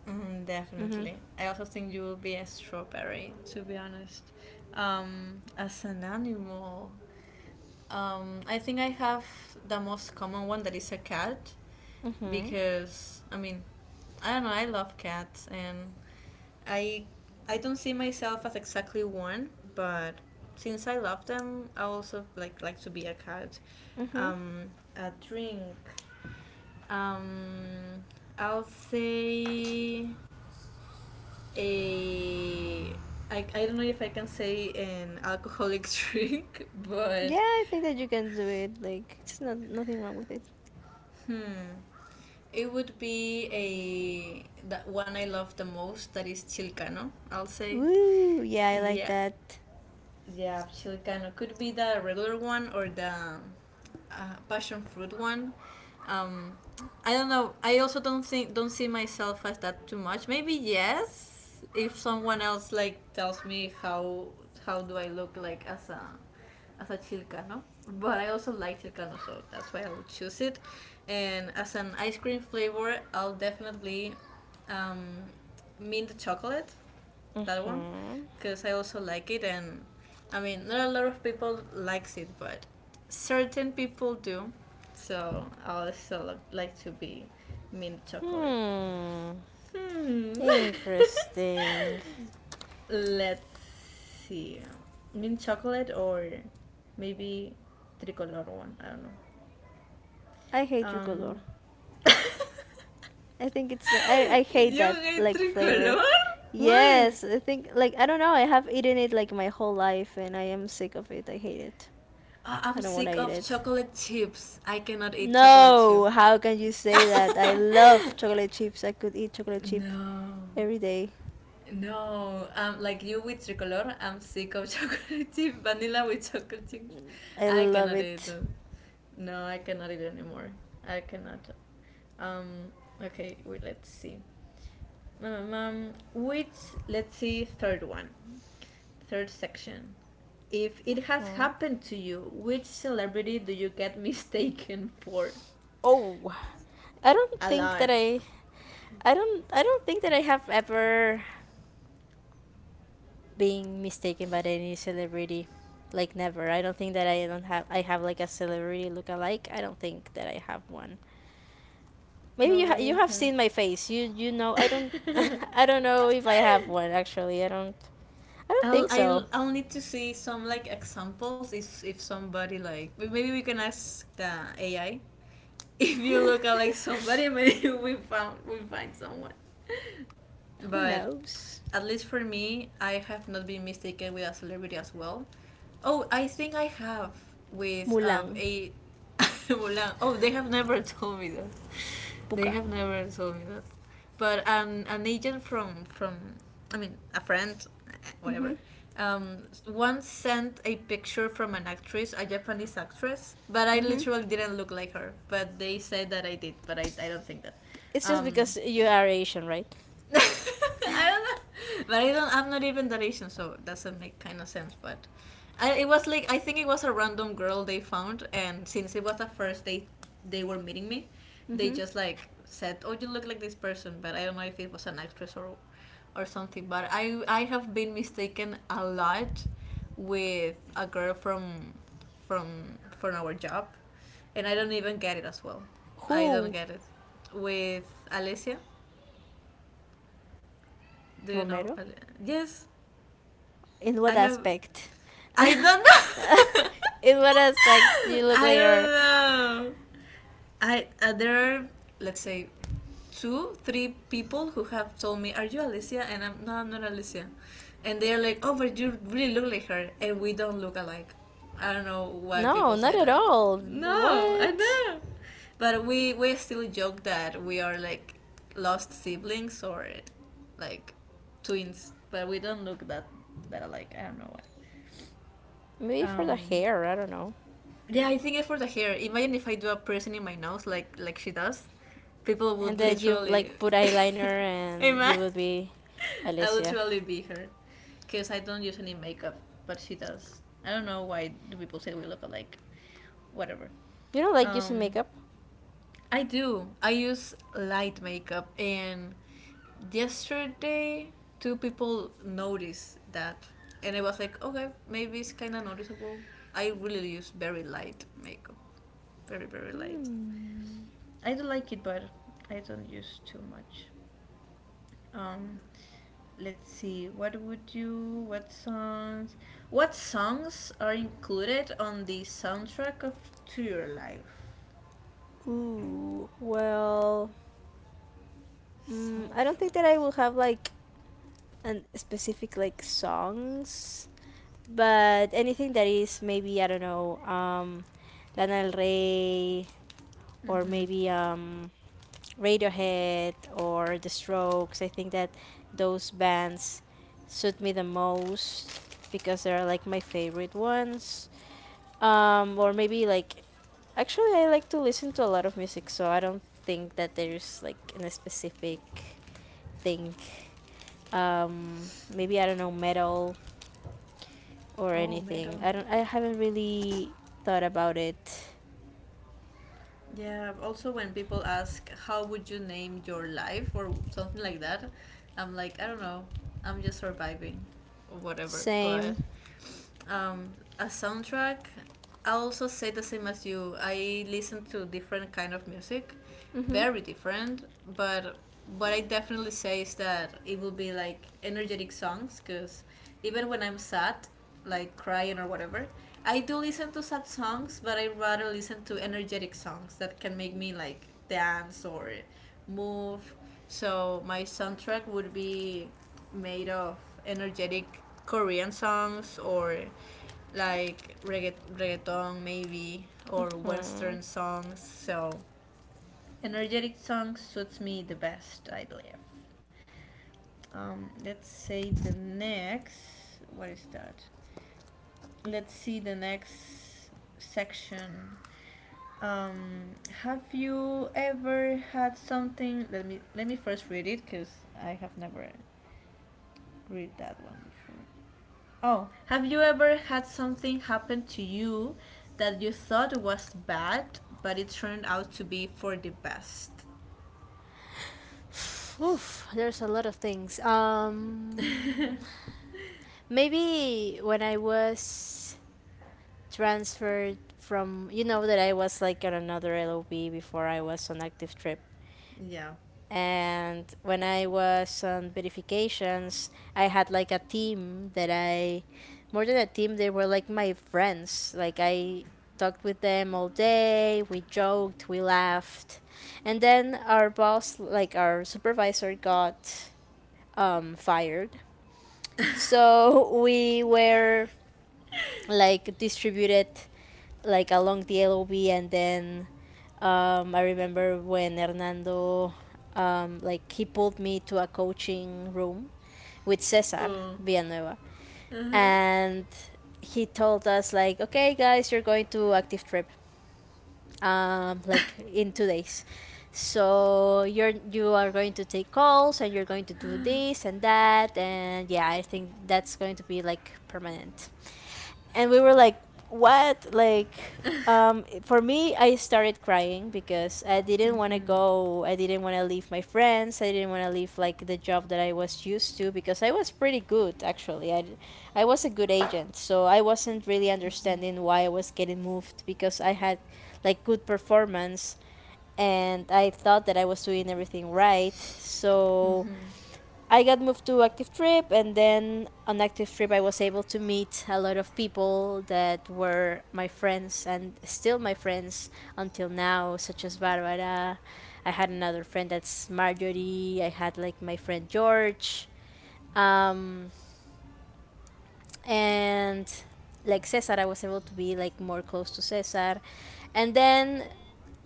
Speaker 1: mm,
Speaker 2: Mhm.
Speaker 1: definitely. I also think you will be a strawberry, to be honest. As an animal, um, I think I have the most common one that is a cat,
Speaker 2: Mhm.
Speaker 1: because I mean, I don't know. I love cats, and I I don't see myself as exactly one, but since I love them, I also like to be a cat.
Speaker 2: Mhm.
Speaker 1: Um, a drink. Um, I'll say a. I don't know if I can say an alcoholic drink,
Speaker 2: Yeah,
Speaker 1: but
Speaker 2: I think that you can do it. Like, it's not nothing wrong with it.
Speaker 1: hmm. It would be a that one I love the most that is Chilcano, I'll say.
Speaker 2: Woo! Yeah, I like
Speaker 1: Yeah,
Speaker 2: that.
Speaker 1: yeah, chilcano could be the regular one or the passion fruit one. Um, I don't know. I also don't see myself as that too much. Maybe yes, if someone else like tells me how do I look like as a chilcano. But I also like chilcano, so that's why I'll choose it. And as an ice cream flavor, I'll definitely um, mint chocolate that one
Speaker 2: Hmm.
Speaker 1: because I also like it, and I mean, not a lot of people likes it, but certain people do. So I also like to be mint chocolate.
Speaker 2: Hmm.
Speaker 1: Hmm.
Speaker 2: Interesting.
Speaker 1: Let's see, mint chocolate or maybe tricolor one. I don't know.
Speaker 2: I hate
Speaker 1: Um.
Speaker 2: tricolor. I think it's like, I hate
Speaker 1: You
Speaker 2: that
Speaker 1: hate
Speaker 2: like flavor.
Speaker 1: tricolor? Why?
Speaker 2: Yes, I think like I don't know, I have eaten it like my whole life, and I am sick of it. I hate it.
Speaker 1: "Ah, I'm
Speaker 2: I don't want to
Speaker 1: sick
Speaker 2: eat
Speaker 1: of
Speaker 2: it.
Speaker 1: chocolate chips. I cannot eat chocolate chip."
Speaker 2: No, how can you say that? I love chocolate chips. I could eat chocolate chip
Speaker 1: no,
Speaker 2: every day.
Speaker 1: no. Like you with tricolor, I'm sick of chocolate chip. Vanilla with chocolate chips.
Speaker 2: I
Speaker 1: I
Speaker 2: love
Speaker 1: cannot eat.
Speaker 2: it.
Speaker 1: Them. No, I cannot eat anymore. I cannot. Um. Okay. Wait. Let's see. Which Let's see, third one, third section. If it has
Speaker 2: Mm.
Speaker 1: happened to you, which celebrity do you get mistaken for?
Speaker 2: Oh, I don't
Speaker 1: A
Speaker 2: think that
Speaker 1: lot.
Speaker 2: I don't, I don't think that I have ever been mistaken by any celebrity. Like never. I don't think that I don't have I have like a celebrity look alike. I don't think that I have one. Maybe you you
Speaker 1: Nobody
Speaker 2: have
Speaker 1: has.
Speaker 2: seen my face. You know I don't I don't know if I have one actually. I don't
Speaker 1: I'll,
Speaker 2: think
Speaker 1: I'll
Speaker 2: so.
Speaker 1: I'll need to see some like examples, if somebody, like, maybe we can ask the AI, if you look at like somebody. Maybe we find someone,
Speaker 2: Who
Speaker 1: but
Speaker 2: knows?
Speaker 1: at least for me, I have not been mistaken with a celebrity as well. Oh, I think I have, with
Speaker 2: Mulan,
Speaker 1: a Mulan. Oh, they have never told me that. They
Speaker 2: Puka.
Speaker 1: have never told me that. But an agent from, I mean, a friend, whatever.
Speaker 2: Hmm.
Speaker 1: Once sent a picture from an actress, a Japanese actress, but I
Speaker 2: Hmm.
Speaker 1: literally didn't look like her. But they said that I did, but I don't think that.
Speaker 2: It's just
Speaker 1: Um,
Speaker 2: because you are Asian, right?
Speaker 1: I don't know, but I don't. I'm not even that Asian, so it doesn't make kind of sense. But it was like, I think it was a random girl they found, and since it was the first day they were meeting me, they
Speaker 2: Hmm.
Speaker 1: just like said, "Oh, you look like this person," but I don't know if it was an actress or something. But I have been mistaken a lot with a girl from from our job, and I don't even get it as well. I don't
Speaker 2: Who
Speaker 1: get it with Alessia, do you know?
Speaker 2: Romero?
Speaker 1: Yes,
Speaker 2: In
Speaker 1: I
Speaker 2: what
Speaker 1: have.
Speaker 2: aspect?
Speaker 1: I don't know.
Speaker 2: In what aspect do you look
Speaker 1: I don't
Speaker 2: later?
Speaker 1: know. I There are, let's say, two, three people who have told me, "Are you Alicia?" And I'm no, I'm not Alicia. And they are like, "Oh, but you really look like her," and we don't look alike. I don't know why
Speaker 2: No,
Speaker 1: people
Speaker 2: not
Speaker 1: say
Speaker 2: at
Speaker 1: that.
Speaker 2: all.
Speaker 1: No, I
Speaker 2: What?
Speaker 1: know. But we still joke that we are like lost siblings or like twins, but we don't look that alike. I don't know why.
Speaker 2: Maybe for the
Speaker 1: Um,
Speaker 2: hair, I don't know.
Speaker 1: yeah, I think it's for the hair. Imagine if I do a piercing in my nose, like she does, people
Speaker 2: And
Speaker 1: would
Speaker 2: then you
Speaker 1: literally,
Speaker 2: like put eyeliner and you
Speaker 1: amen.
Speaker 2: will be
Speaker 1: I would
Speaker 2: Alicia.
Speaker 1: literally be her, cause I don't use any makeup, but she does. I don't know why do people say we look alike, whatever.
Speaker 2: You don't like using
Speaker 1: Um,
Speaker 2: makeup?
Speaker 1: I do. I use light makeup, and yesterday two people noticed that, and I was like, okay, maybe it's kind of noticeable. I really use very light makeup, very very light.
Speaker 2: Hmm.
Speaker 1: I do like it, but I don't use too much. Um, let's see. What would you? What songs? What songs are included on the soundtrack of To Your Life?
Speaker 2: Ooh, well, mm, I don't think that I
Speaker 1: Soundtracks.
Speaker 2: will have like an specific like songs, but anything that is, maybe I don't know, Lana Del Rey, or
Speaker 1: Mm-hmm.
Speaker 2: maybe Radiohead or The Strokes. I think that those bands suit me the most, because they're like my favorite ones. Or maybe like, actually I like to listen to a lot of music, so I don't think that there's like in a specific thing. Maybe I don't know, metal or
Speaker 1: Oh,
Speaker 2: anything.
Speaker 1: metal.
Speaker 2: I don't. I haven't really thought about it.
Speaker 1: Yeah, also when people ask how would you name your life or something like that, I'm like, I don't know, I'm just surviving or whatever. But
Speaker 2: Same.
Speaker 1: um, a soundtrack, I also say the same as you. I listen to different kind of music,
Speaker 2: Mhm.
Speaker 1: very different, but what I definitely say is that it will be like energetic songs because even when I'm sad, like crying or whatever, I do listen to sad songs, but I rather listen to energetic songs that can make me like dance or move. So my soundtrack would be made of energetic Korean songs or like reggaeton maybe or western songs. So energetic song suits me the best, I believe. Let's say the next. What is that? Let's see the next section. Um, have you ever had something? Let me first read it because I have never read that one before. Oh, have you ever had something happen to you that you thought was bad, but it turned out to be for the best?
Speaker 2: Oof. There's a lot of things. Maybe when I was transferred from, you know, that I was like on another LOB before I was on active trip.
Speaker 1: Yeah.
Speaker 2: And when I was on verifications, I had like a team that more than a team, they were like my friends. Like I talked with them all day, we joked, we laughed. And then our boss, like our supervisor, got fired. So we were like distributed like along the LOB, and then I remember when Hernando, like he pulled me to a coaching room with Cesar
Speaker 1: Uh.
Speaker 2: Villanueva,
Speaker 1: Uh huh.
Speaker 2: and he told us like, okay guys, you're going to active trip, like in 2 days, so you are going to take calls and you're going to do this and that, and yeah, I think that's going to be like permanent. And we were like what, like, for me I started crying because I didn't want to go, I didn't want to leave my friends, I didn't want to leave like the job that I was used to, because I was pretty good actually, I was a good agent, so I wasn't really understanding why I was getting moved, because I had like good performance, and I thought that I was doing everything right. So I got moved to active trip, and then on active trip, I was able to meet a lot of people that were my friends and still my friends until now, such as Barbara. I had another friend that's Marjorie. I had like my friend George, um, and like Cesar, I was able to be like more close to Cesar, and then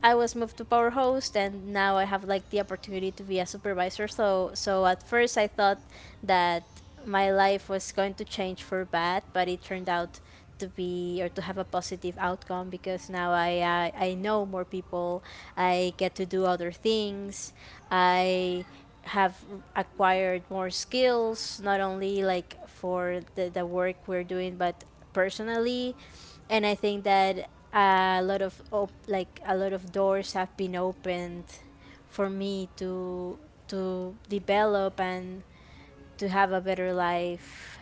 Speaker 2: I was moved to power host, and now I have like the opportunity to be a supervisor. So at first I thought that my life was going to change for bad, but it turned out to be or to have a positive outcome because now I know more people. I get to do other things. I have acquired more skills, not only like for the work we're doing but personally, and I think that a lot of a lot of doors have been opened for me to develop and to have a better life.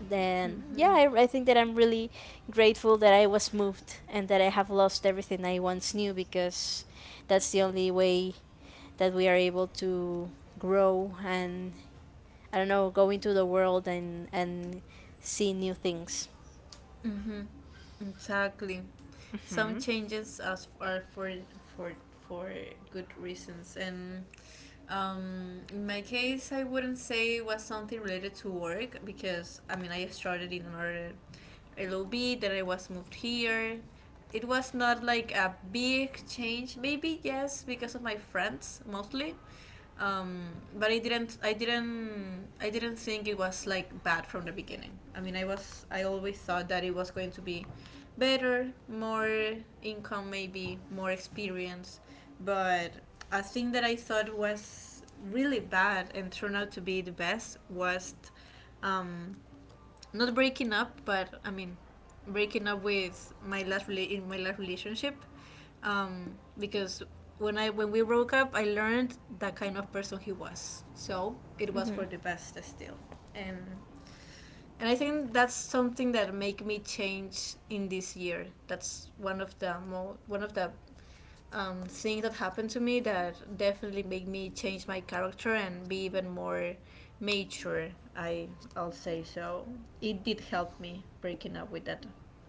Speaker 2: Then yeah,
Speaker 1: Mm-hmm.
Speaker 2: I think that I'm really grateful that I was moved and that I have lost everything I once knew, because that's the only way that we are able to grow and, I don't know, go into the world and see new things.
Speaker 1: Exactly. Some changes as are for for for good reasons, and in my case, I wouldn't say it was something related to work because I mean, I started in another LOB, then I was moved here. It was not like a big change. Maybe yes, because of my friends mostly, um, but I didn't think it was like bad from the beginning. I mean, I always thought that it was going to be better, more income, maybe more experience. But a thing that I thought was really bad and turned out to be the best was, um, not breaking up, but I mean, breaking up with my last relationship, um, because when we broke up, I learned that kind of person he was. So it was for the best still, and I think that's something that make me change in this year. That's one of the things that happened to me that definitely make me change my character and be even more mature, i I'll say. So it did help me, breaking up with that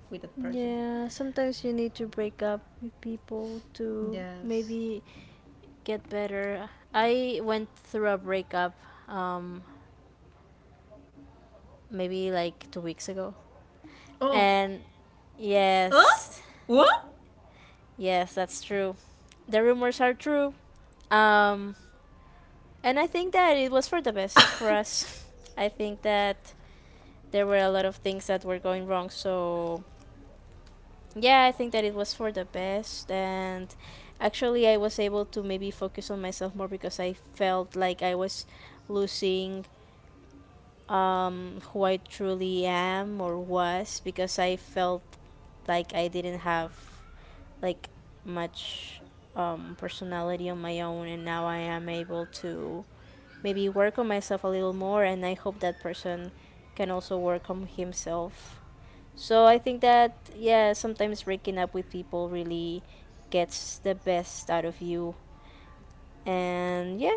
Speaker 1: person.
Speaker 2: Yeah, sometimes you need to break up with people to
Speaker 1: Yes.
Speaker 2: maybe get better. I went through a breakup um maybe like 2 weeks ago.
Speaker 1: Oh.
Speaker 2: And
Speaker 1: Huh?
Speaker 2: yes,
Speaker 1: what
Speaker 2: yes, that's true. The rumors are true. Um and I think that it was for the best for us. I think that there were a lot of things that were going wrong, so yeah, I think that it was for the best. And actually, I was able to maybe focus on myself more because I felt like I was losing, who I truly am or was, because I felt like I didn't have like much personality on my own. And now I am able to maybe work on myself a little more. And I hope that person can also work on himself. So I think that yeah, sometimes breaking up with people really gets the best out of you. And yeah,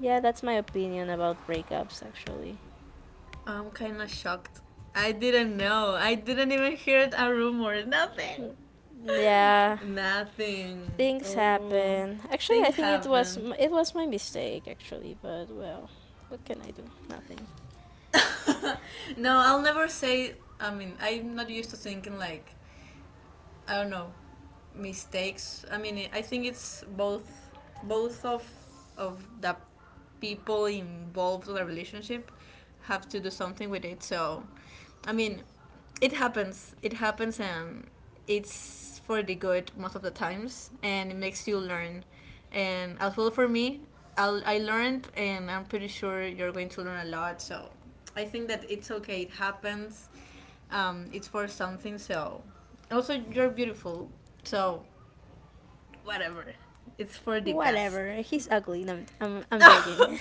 Speaker 2: yeah, that's my opinion about breakups actually.
Speaker 1: I'm kind of shocked. I didn't even hear a rumor, nothing.
Speaker 2: Yeah,
Speaker 1: Nothing.
Speaker 2: things
Speaker 1: Oh,
Speaker 2: happen. Actually, I
Speaker 1: thing
Speaker 2: think it was
Speaker 1: happened.
Speaker 2: it was my mistake actually, but well, what can I do? Nothing.
Speaker 1: No, I'll never say. I mean, I'm not used to thinking like, I don't know, mistakes. I mean, I think it's both of the people involved in the relationship have to do something with it. So, I mean, it happens. It happens, and it's for the good most of the times, and it makes you learn. And as well for me, I learned, and I'm pretty sure you're going to learn a lot. So I think that it's okay. It happens. It's for something. So also, you're beautiful. So whatever. It's for the best.
Speaker 2: Whatever. He's ugly. No, I'm joking.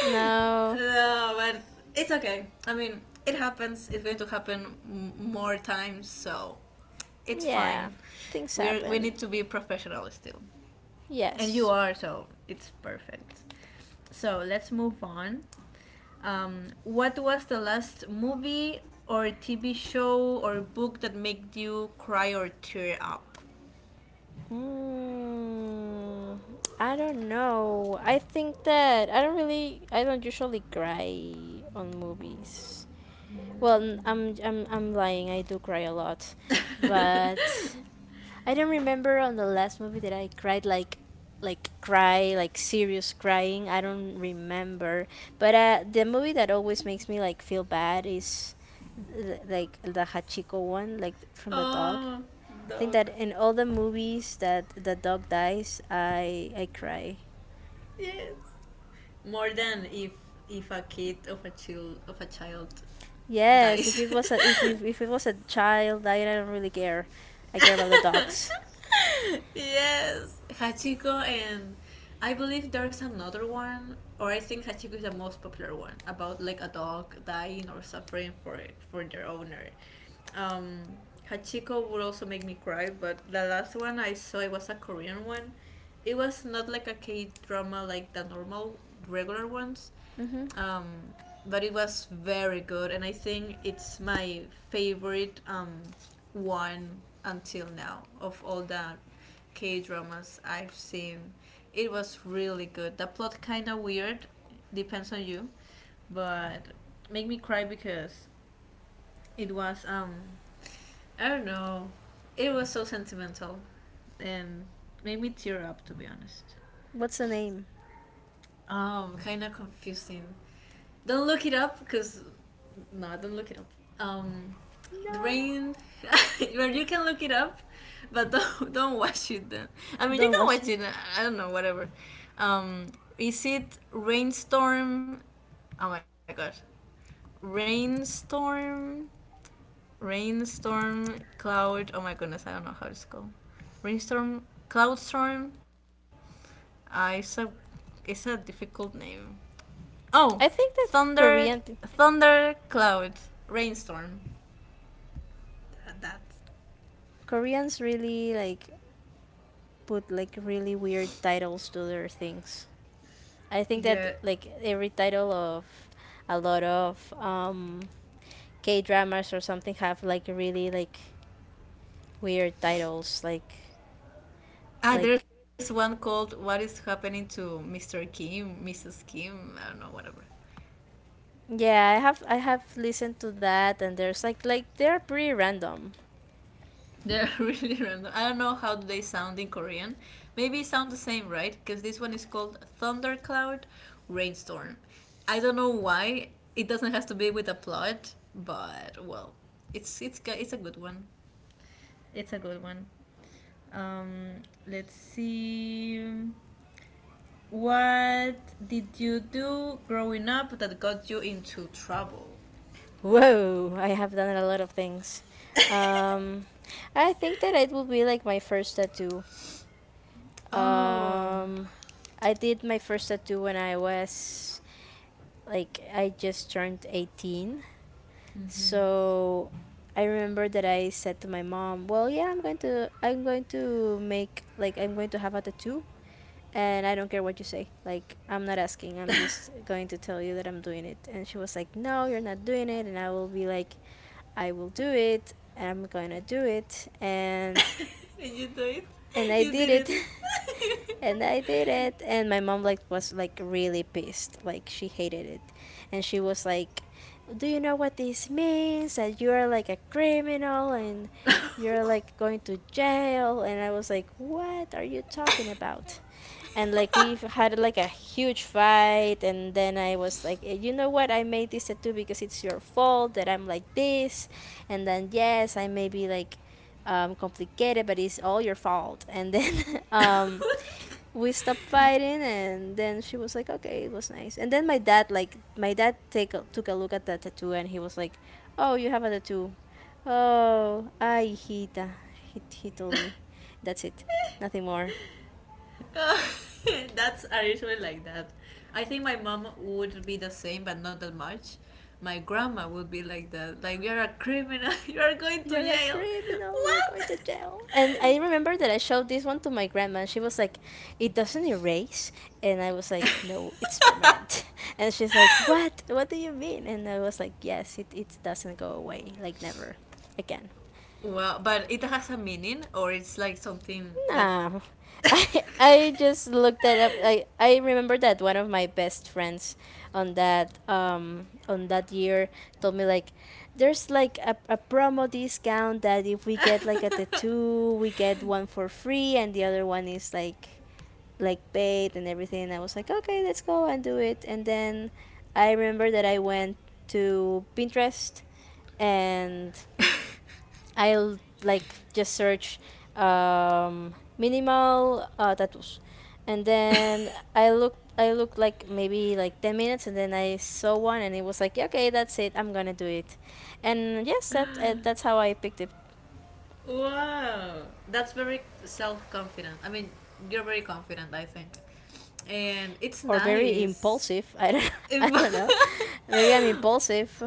Speaker 2: No.
Speaker 1: No, but it's okay. I mean, it happens. It's going to happen more times. So it's
Speaker 2: Yeah.
Speaker 1: fine.
Speaker 2: Things
Speaker 1: We
Speaker 2: happen.
Speaker 1: need to be professional still, and you
Speaker 2: Yes.
Speaker 1: are, so it's perfect. So let's move on. What was the last movie or TV show or book that made you cry or tear up?
Speaker 2: Mm, I don't know. I think that I don't really. I don't usually cry on movies. Well, I'm lying. I do cry a lot, but I don't remember on the last movie that I cried, like cry like serious crying. I don't remember. But the movie that always makes me like feel bad is like the Hachiko one, like from the dog.
Speaker 1: Oh,
Speaker 2: I think that
Speaker 1: dog.
Speaker 2: in all the movies that the dog dies, I cry.
Speaker 1: Yes. More than if a kid of a child
Speaker 2: Yes, if
Speaker 1: dies.
Speaker 2: it was a if it was a child, I don't really care. I care about the dogs.
Speaker 1: Yes, Hachiko. And I believe there's another one, or I think Hachiko is the most popular one about like a dog dying or suffering for their owner. Um, Hachiko would also make me cry, but the last one I saw, it was a Korean one. It was not like a K drama, like the normal regular ones, um, but it was very good, and I think it's my favorite, one until now of all the K dramas I've seen. It was really good. The plot kind of weird, depends on you, but make me cry because it was, I don't know, it was so sentimental, and made me tear up, to be honest.
Speaker 2: What's the name?
Speaker 1: Kind of confusing. Don't look it up because, no, don't look it up. Um, the
Speaker 2: No,
Speaker 1: rain. Well, you can look it up, but don't watch it. Then, I mean, you
Speaker 2: don't
Speaker 1: can
Speaker 2: watch
Speaker 1: watch it.
Speaker 2: it.
Speaker 1: I don't know, whatever. Um, is it rainstorm? Oh my gosh, rainstorm, rainstorm cloud. Oh my goodness, I don't know how it's called. Rainstorm, cloudstorm. Uh, it's a it's a difficult name. Oh,
Speaker 2: I think that
Speaker 1: thunder, thunder, cloud, rainstorm. That.
Speaker 2: Koreans really like put like really weird titles to their things. I think that
Speaker 1: Yeah.
Speaker 2: like every title of a lot of K dramas or something have like really like weird titles like
Speaker 1: Ah,
Speaker 2: like
Speaker 1: there's one called "What is happening to Mr. Kim, Mrs. Kim?" I don't know, whatever.
Speaker 2: yeah, I have listened to that, and there's like they're pretty random.
Speaker 1: They're really random. I don't know how they sound in Korean. Maybe it sound the same, right? Because this one is called thundercloud, rainstorm. I don't know why it doesn't have to be with a plot, but well, it's a good one. It's a good one. Let's see. What did you do growing up that got you into trouble?
Speaker 2: Whoa, I have done a lot of things. Um I think that it will be like my first tattoo.
Speaker 1: Oh,
Speaker 2: Um I did my first tattoo when I was like I just turned 18. So I remember that I said to my mom, "Well, yeah, I'm going to make like I'm going to have a tattoo, and I don't care what you say. Like, I'm not asking. I'm just going to tell you that I'm doing it." And she was like, "No, you're not doing it." And I will be like, "I will do it. And I'm going to do it." And
Speaker 1: did you do it?
Speaker 2: I
Speaker 1: You
Speaker 2: did
Speaker 1: did
Speaker 2: it.
Speaker 1: it.
Speaker 2: And I did it, and my mom like was like really pissed, like she hated it, and she was like, "Do you know what this means? That you are like a criminal and you're like going to jail?" And I was like, "What are you talking about?" And like we had like a huge fight, and then I was like, "Eh, you know what, I made this tattoo because it's your fault that I'm like this, and then yes I may be like complicated but it's all your fault." And then um we stopped fighting, and then she was like okay, it was nice. And then my dad, like my dad took a look at the tattoo, and he was like, "Oh, you have a tattoo. Oh, ay hijita," he told me. That's it, nothing more.
Speaker 1: Uh, that's are usually like that. I think my mom would be the same, but not that much. My grandma would be like that. Like, you're a criminal. You are going to
Speaker 2: "You're a
Speaker 1: jail.
Speaker 2: criminal, you're
Speaker 1: What?
Speaker 2: going to jail." And I remember that I showed this one to my grandma, and she was like, "It doesn't erase?" And I was like, "No, it's permanent." And she's like, "What? What do you mean?" And I was like, "Yes, it doesn't go away, like never again."
Speaker 1: Well, but it has a meaning, or it's like something that.
Speaker 2: Nah. I just looked that up. I remember that one of my best friends on that year told me like there's like a promo discount that if we get like a tattoo we get one for free and the other one is like paid and everything, and I was like, "Okay, let's go and do it." And then I remember that I went to Pinterest, and I'll like just search minimal tattoos, and then I looked. I looked like maybe like 10 minutes, and then I saw one, and it was like, "Yeah, okay, that's it. I'm gonna do it," and yes, that that's how I picked it.
Speaker 1: Wow, that's very self confident. I mean, you're very confident, I think, and it's
Speaker 2: Or very
Speaker 1: nice.
Speaker 2: impulsive. I don't. I
Speaker 1: Well,
Speaker 2: don't know. Maybe I'm impulsive.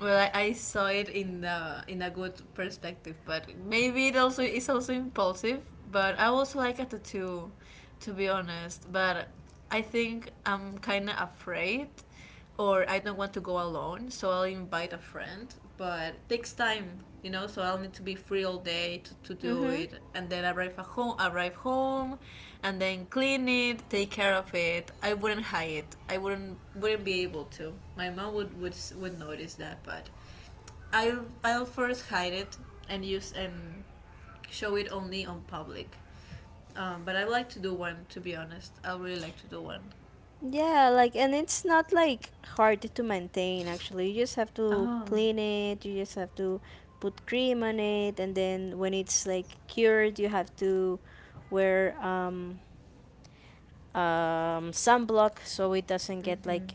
Speaker 1: I saw it in the in a good perspective, but maybe it's also impulsive. But I also like a tattoo, to be honest. But I think I'm kind of afraid, or I don't want to go alone, so I'll invite a friend, but it takes time, so I'll need to be free all day to do
Speaker 2: Mm-hmm.
Speaker 1: it, and then arrive home and then clean it, take care of it. I wouldn't hide it. I wouldn't, be able to. My mom would, would notice that. But I'll first hide it and use and show it only on public. But I like to do one, to be honest. I really like to do one.
Speaker 2: Yeah, like, and it's not like hard to maintain actually. You just have to
Speaker 1: Oh,
Speaker 2: clean it, you just have to put cream on it, and then when it's like cured, you have to wear sunblock so it doesn't get like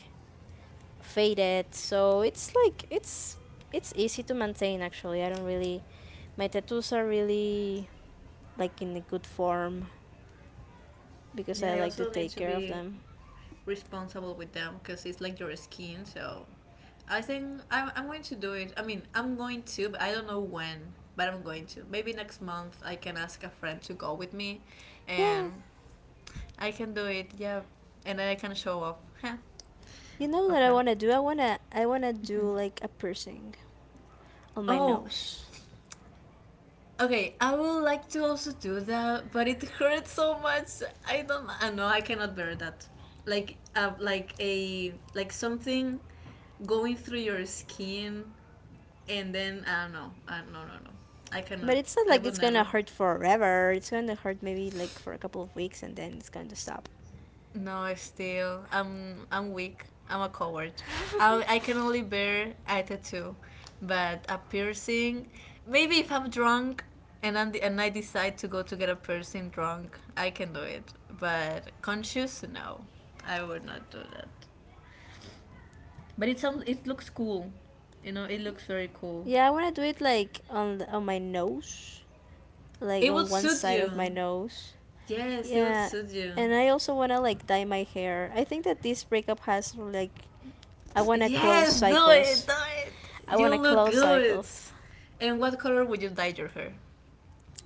Speaker 2: faded. So it's like, it's easy to maintain actually. I don't really, my tattoos are really like in a good form because
Speaker 1: yeah,
Speaker 2: I
Speaker 1: I
Speaker 2: like to
Speaker 1: also need
Speaker 2: take
Speaker 1: to
Speaker 2: care of
Speaker 1: be
Speaker 2: them.
Speaker 1: responsible with them because it's like your skin. So I think I'm going to do it. I mean, I'm going to, but I don't know when. But I'm going to. Maybe next month I can ask a friend to go with me, and
Speaker 2: Yeah.
Speaker 1: I can do it. Yeah, and then I can show off. Huh.
Speaker 2: You know what I
Speaker 1: Okay.
Speaker 2: wanna do? I wanna do like a piercing on my
Speaker 1: Oh,
Speaker 2: nose.
Speaker 1: okay. I would like to also do that, but it hurts so much. I don't. I know I cannot bear that. Like a something going through your skin, and then I don't know. I, no, no, no. I cannot.
Speaker 2: But it's not
Speaker 1: I
Speaker 2: like
Speaker 1: would
Speaker 2: it's gonna
Speaker 1: never.
Speaker 2: hurt forever. It's gonna hurt maybe like for a couple of weeks, and then it's gonna stop.
Speaker 1: No, still, I'm weak. I'm a coward. I can only bear a tattoo, but a piercing. Maybe if I'm drunk and I decide to go to get a piercing drunk, I can do it. But conscious, no, I would not do that. But it looks cool, you know. It looks very cool.
Speaker 2: Yeah, I wanna do it like on my nose, like
Speaker 1: It would
Speaker 2: on one
Speaker 1: suit
Speaker 2: side
Speaker 1: you.
Speaker 2: of my nose.
Speaker 1: Yes, it would
Speaker 2: Yeah,
Speaker 1: suit you.
Speaker 2: and I also wanna like dye my hair. I think that this breakup has like, I wanna close
Speaker 1: Yes, do it,
Speaker 2: cycles.
Speaker 1: do it.
Speaker 2: I
Speaker 1: You
Speaker 2: wanna
Speaker 1: look
Speaker 2: close
Speaker 1: good.
Speaker 2: cycles.
Speaker 1: And what color would you dye your hair?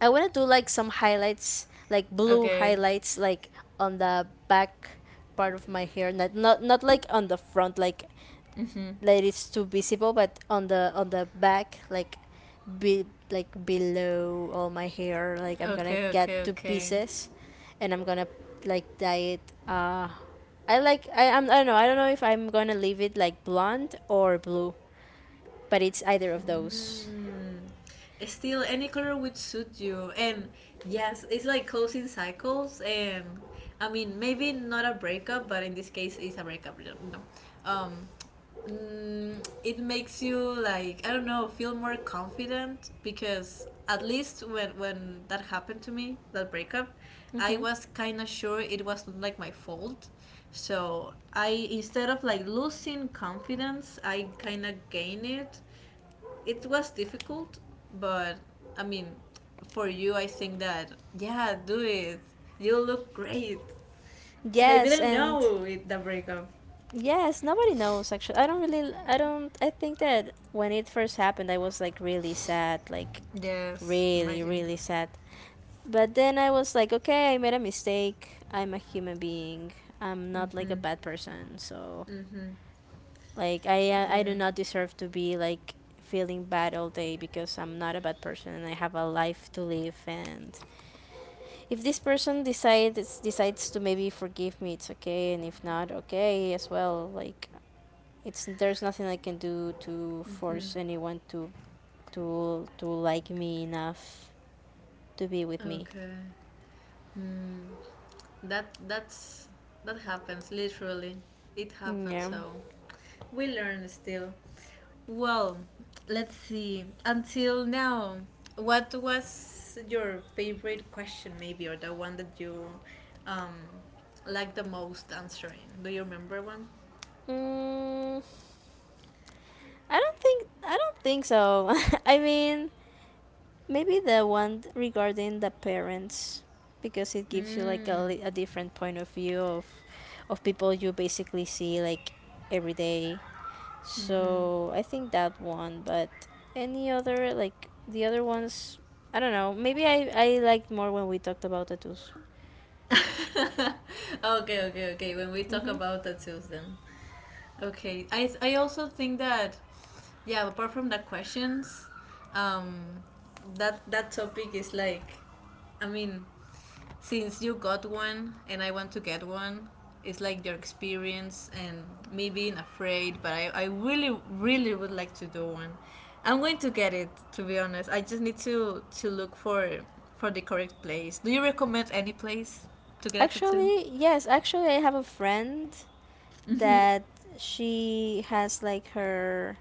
Speaker 2: I want to do like some highlights, like blue
Speaker 1: Okay.
Speaker 2: highlights, like on the back part of my hair, not like on the front, like
Speaker 1: Hmm.
Speaker 2: that it's too visible, but on the back, like be like below all my hair. Like I'm gonna
Speaker 1: Okay, okay,
Speaker 2: get two
Speaker 1: okay.
Speaker 2: pieces, and I'm gonna like dye it. I like, I don't know, if I'm gonna leave it like blonde or blue, but it's either of those.
Speaker 1: Mm. Still, any color would suit you. And yes, it's like closing cycles. And I mean, maybe not a breakup, but in this case, it's a breakup, you know. Um, mm, it makes you like, I don't know, feel more confident, because at least when that happened to me, that breakup, I
Speaker 2: Mm-hmm.
Speaker 1: was kind of sure it was not like my fault. So I, instead of like losing confidence, I kind of gain it. It was difficult, but I mean, for you, I think that, yeah, do it. You look great. Because I
Speaker 2: Yes,
Speaker 1: didn't
Speaker 2: and
Speaker 1: know it, the breakup.
Speaker 2: yes, nobody knows actually. I don't really I don't I think that when it first happened I was like really sad, like
Speaker 1: Yes, imagine.
Speaker 2: really sad. But then I was like, okay, I made a mistake. I'm a human being. I'm not like a bad person. So,
Speaker 1: Mm-hmm.
Speaker 2: like I do
Speaker 1: Yeah.
Speaker 2: not deserve to be like feeling bad all day because I'm not a bad person, and I have a life to live. And if this person decides to maybe forgive me, it's okay, and if not, okay as well. Like it's, there's nothing I can do to force anyone to like me enough to be with me.
Speaker 1: Okay. Hmm. That's that happens literally. It happens.
Speaker 2: Yeah.
Speaker 1: So we learn still. Well, let's see. Until now, what was your favorite question, maybe, or the one that you um, like the most answering? Do you remember one?
Speaker 2: Mm, I don't think so. I mean, maybe the one regarding the parents, because it gives you like a,
Speaker 1: Mm.
Speaker 2: a different point of view of people you basically see like every day. So I think that one, but any other, like the other ones, I don't know. Maybe I liked more when we talked about tattoos.
Speaker 1: Okay, okay, okay. When we talk
Speaker 2: Mhm.
Speaker 1: about tattoos, then okay. I also think that yeah, apart from the questions, um that that topic is like, I mean, since you got one and I want to get one, it's like your experience and me being afraid. But I really really would like to do one. I'm going to get it, to be honest. I just need to look for the correct place. Do you recommend any place to get a tattoo?
Speaker 2: Actually, yes, actually I have a friend that she has like her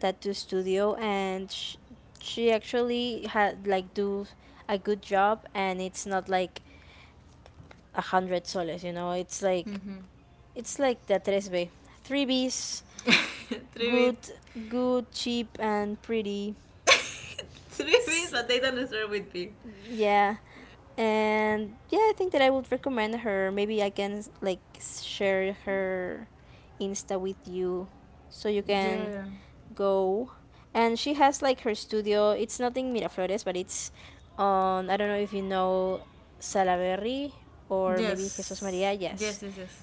Speaker 2: tattoo studio, and she actually had like do a good job, and it's not like 100 soles, you know. It's like the tres b, 3Bs:
Speaker 1: Three bits,
Speaker 2: good, good, cheap and pretty.
Speaker 1: three bits, but
Speaker 2: S-
Speaker 1: they don't start with B.
Speaker 2: yeah. And yeah, I think that I would recommend her. Maybe I can like share her insta with you, so you can
Speaker 1: Yeah.
Speaker 2: go. And she has like her studio. It's not in Miraflores, but it's on, I don't know if you know, Salaberry, or maybe Jesus Maria,
Speaker 1: Yes.
Speaker 2: yes.
Speaker 1: Yes, yes, yes.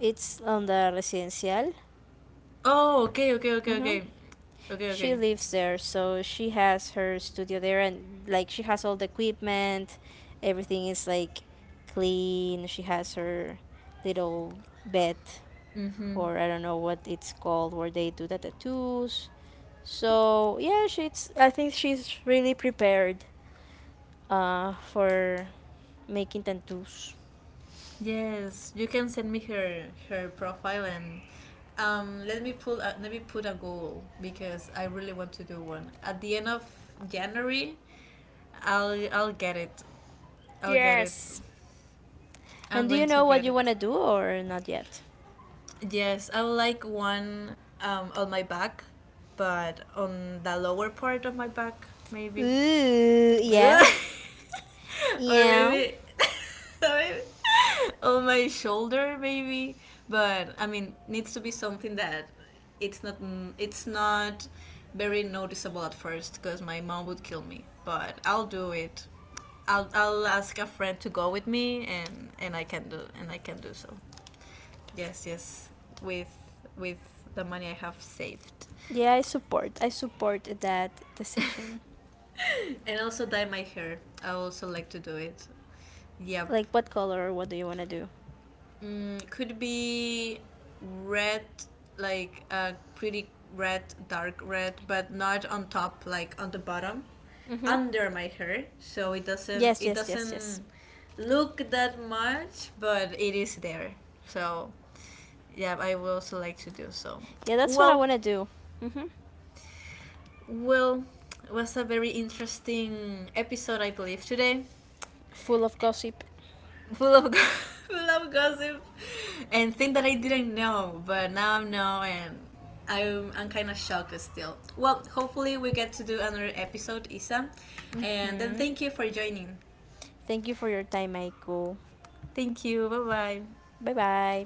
Speaker 2: It's on the residencial.
Speaker 1: Oh, okay, okay, okay,
Speaker 2: Mm-hmm.
Speaker 1: okay. Okay, okay.
Speaker 2: She lives there, so she has her studio there, and like she has all the equipment, everything is like clean. She has her little bed, or I don't know what it's called, where they do the tattoos. So yeah, she's, I think she's really prepared, for making tattoos.
Speaker 1: Yes, you can send me her profile. And let me put a, let me put a goal, because I really want to do one. At the end of January, I'll get it. I'll get it.
Speaker 2: Yes.
Speaker 1: I'm
Speaker 2: And do you
Speaker 1: going to
Speaker 2: know what
Speaker 1: get
Speaker 2: you
Speaker 1: it.
Speaker 2: wanna do or not yet?
Speaker 1: Yes, I would like one, on my back, but on the lower part of my back maybe.
Speaker 2: Ooh, yeah,
Speaker 1: Or
Speaker 2: yeah.
Speaker 1: maybe, maybe on my shoulder maybe. But I mean, needs to be something that it's not it's not very noticeable at first, because my mom would kill me, but I'll do it. I'll ask a friend to go with me, and and I can do so. Yes, yes, with with the money I have saved.
Speaker 2: Yeah, I support. I support that decision.
Speaker 1: And also dye my hair. I also like to do it. Yep.
Speaker 2: Like, what color? What do you want to do?
Speaker 1: Mm, could be red, like a pretty red, dark red, but not on top, like on the bottom,
Speaker 2: Mm-hmm.
Speaker 1: under my hair. So it doesn't,
Speaker 2: Yes, yes, yes, yes.
Speaker 1: look that much, but it is there. So yeah, I would also like to do so.
Speaker 2: Yeah, that's what I
Speaker 1: Well,
Speaker 2: want to do. Mm-hmm.
Speaker 1: well, it was a very interesting episode, I believe, today,
Speaker 2: Full of gossip.
Speaker 1: full of full of gossip, and things that I didn't know, but now I know. And I'm kind of shocked still. Well, hopefully we get to do another episode, Isa, and then
Speaker 2: Mm-hmm.
Speaker 1: thank you for joining.
Speaker 2: Thank you for your time, Aiko.
Speaker 1: Thank you. Bye bye.
Speaker 2: Bye bye.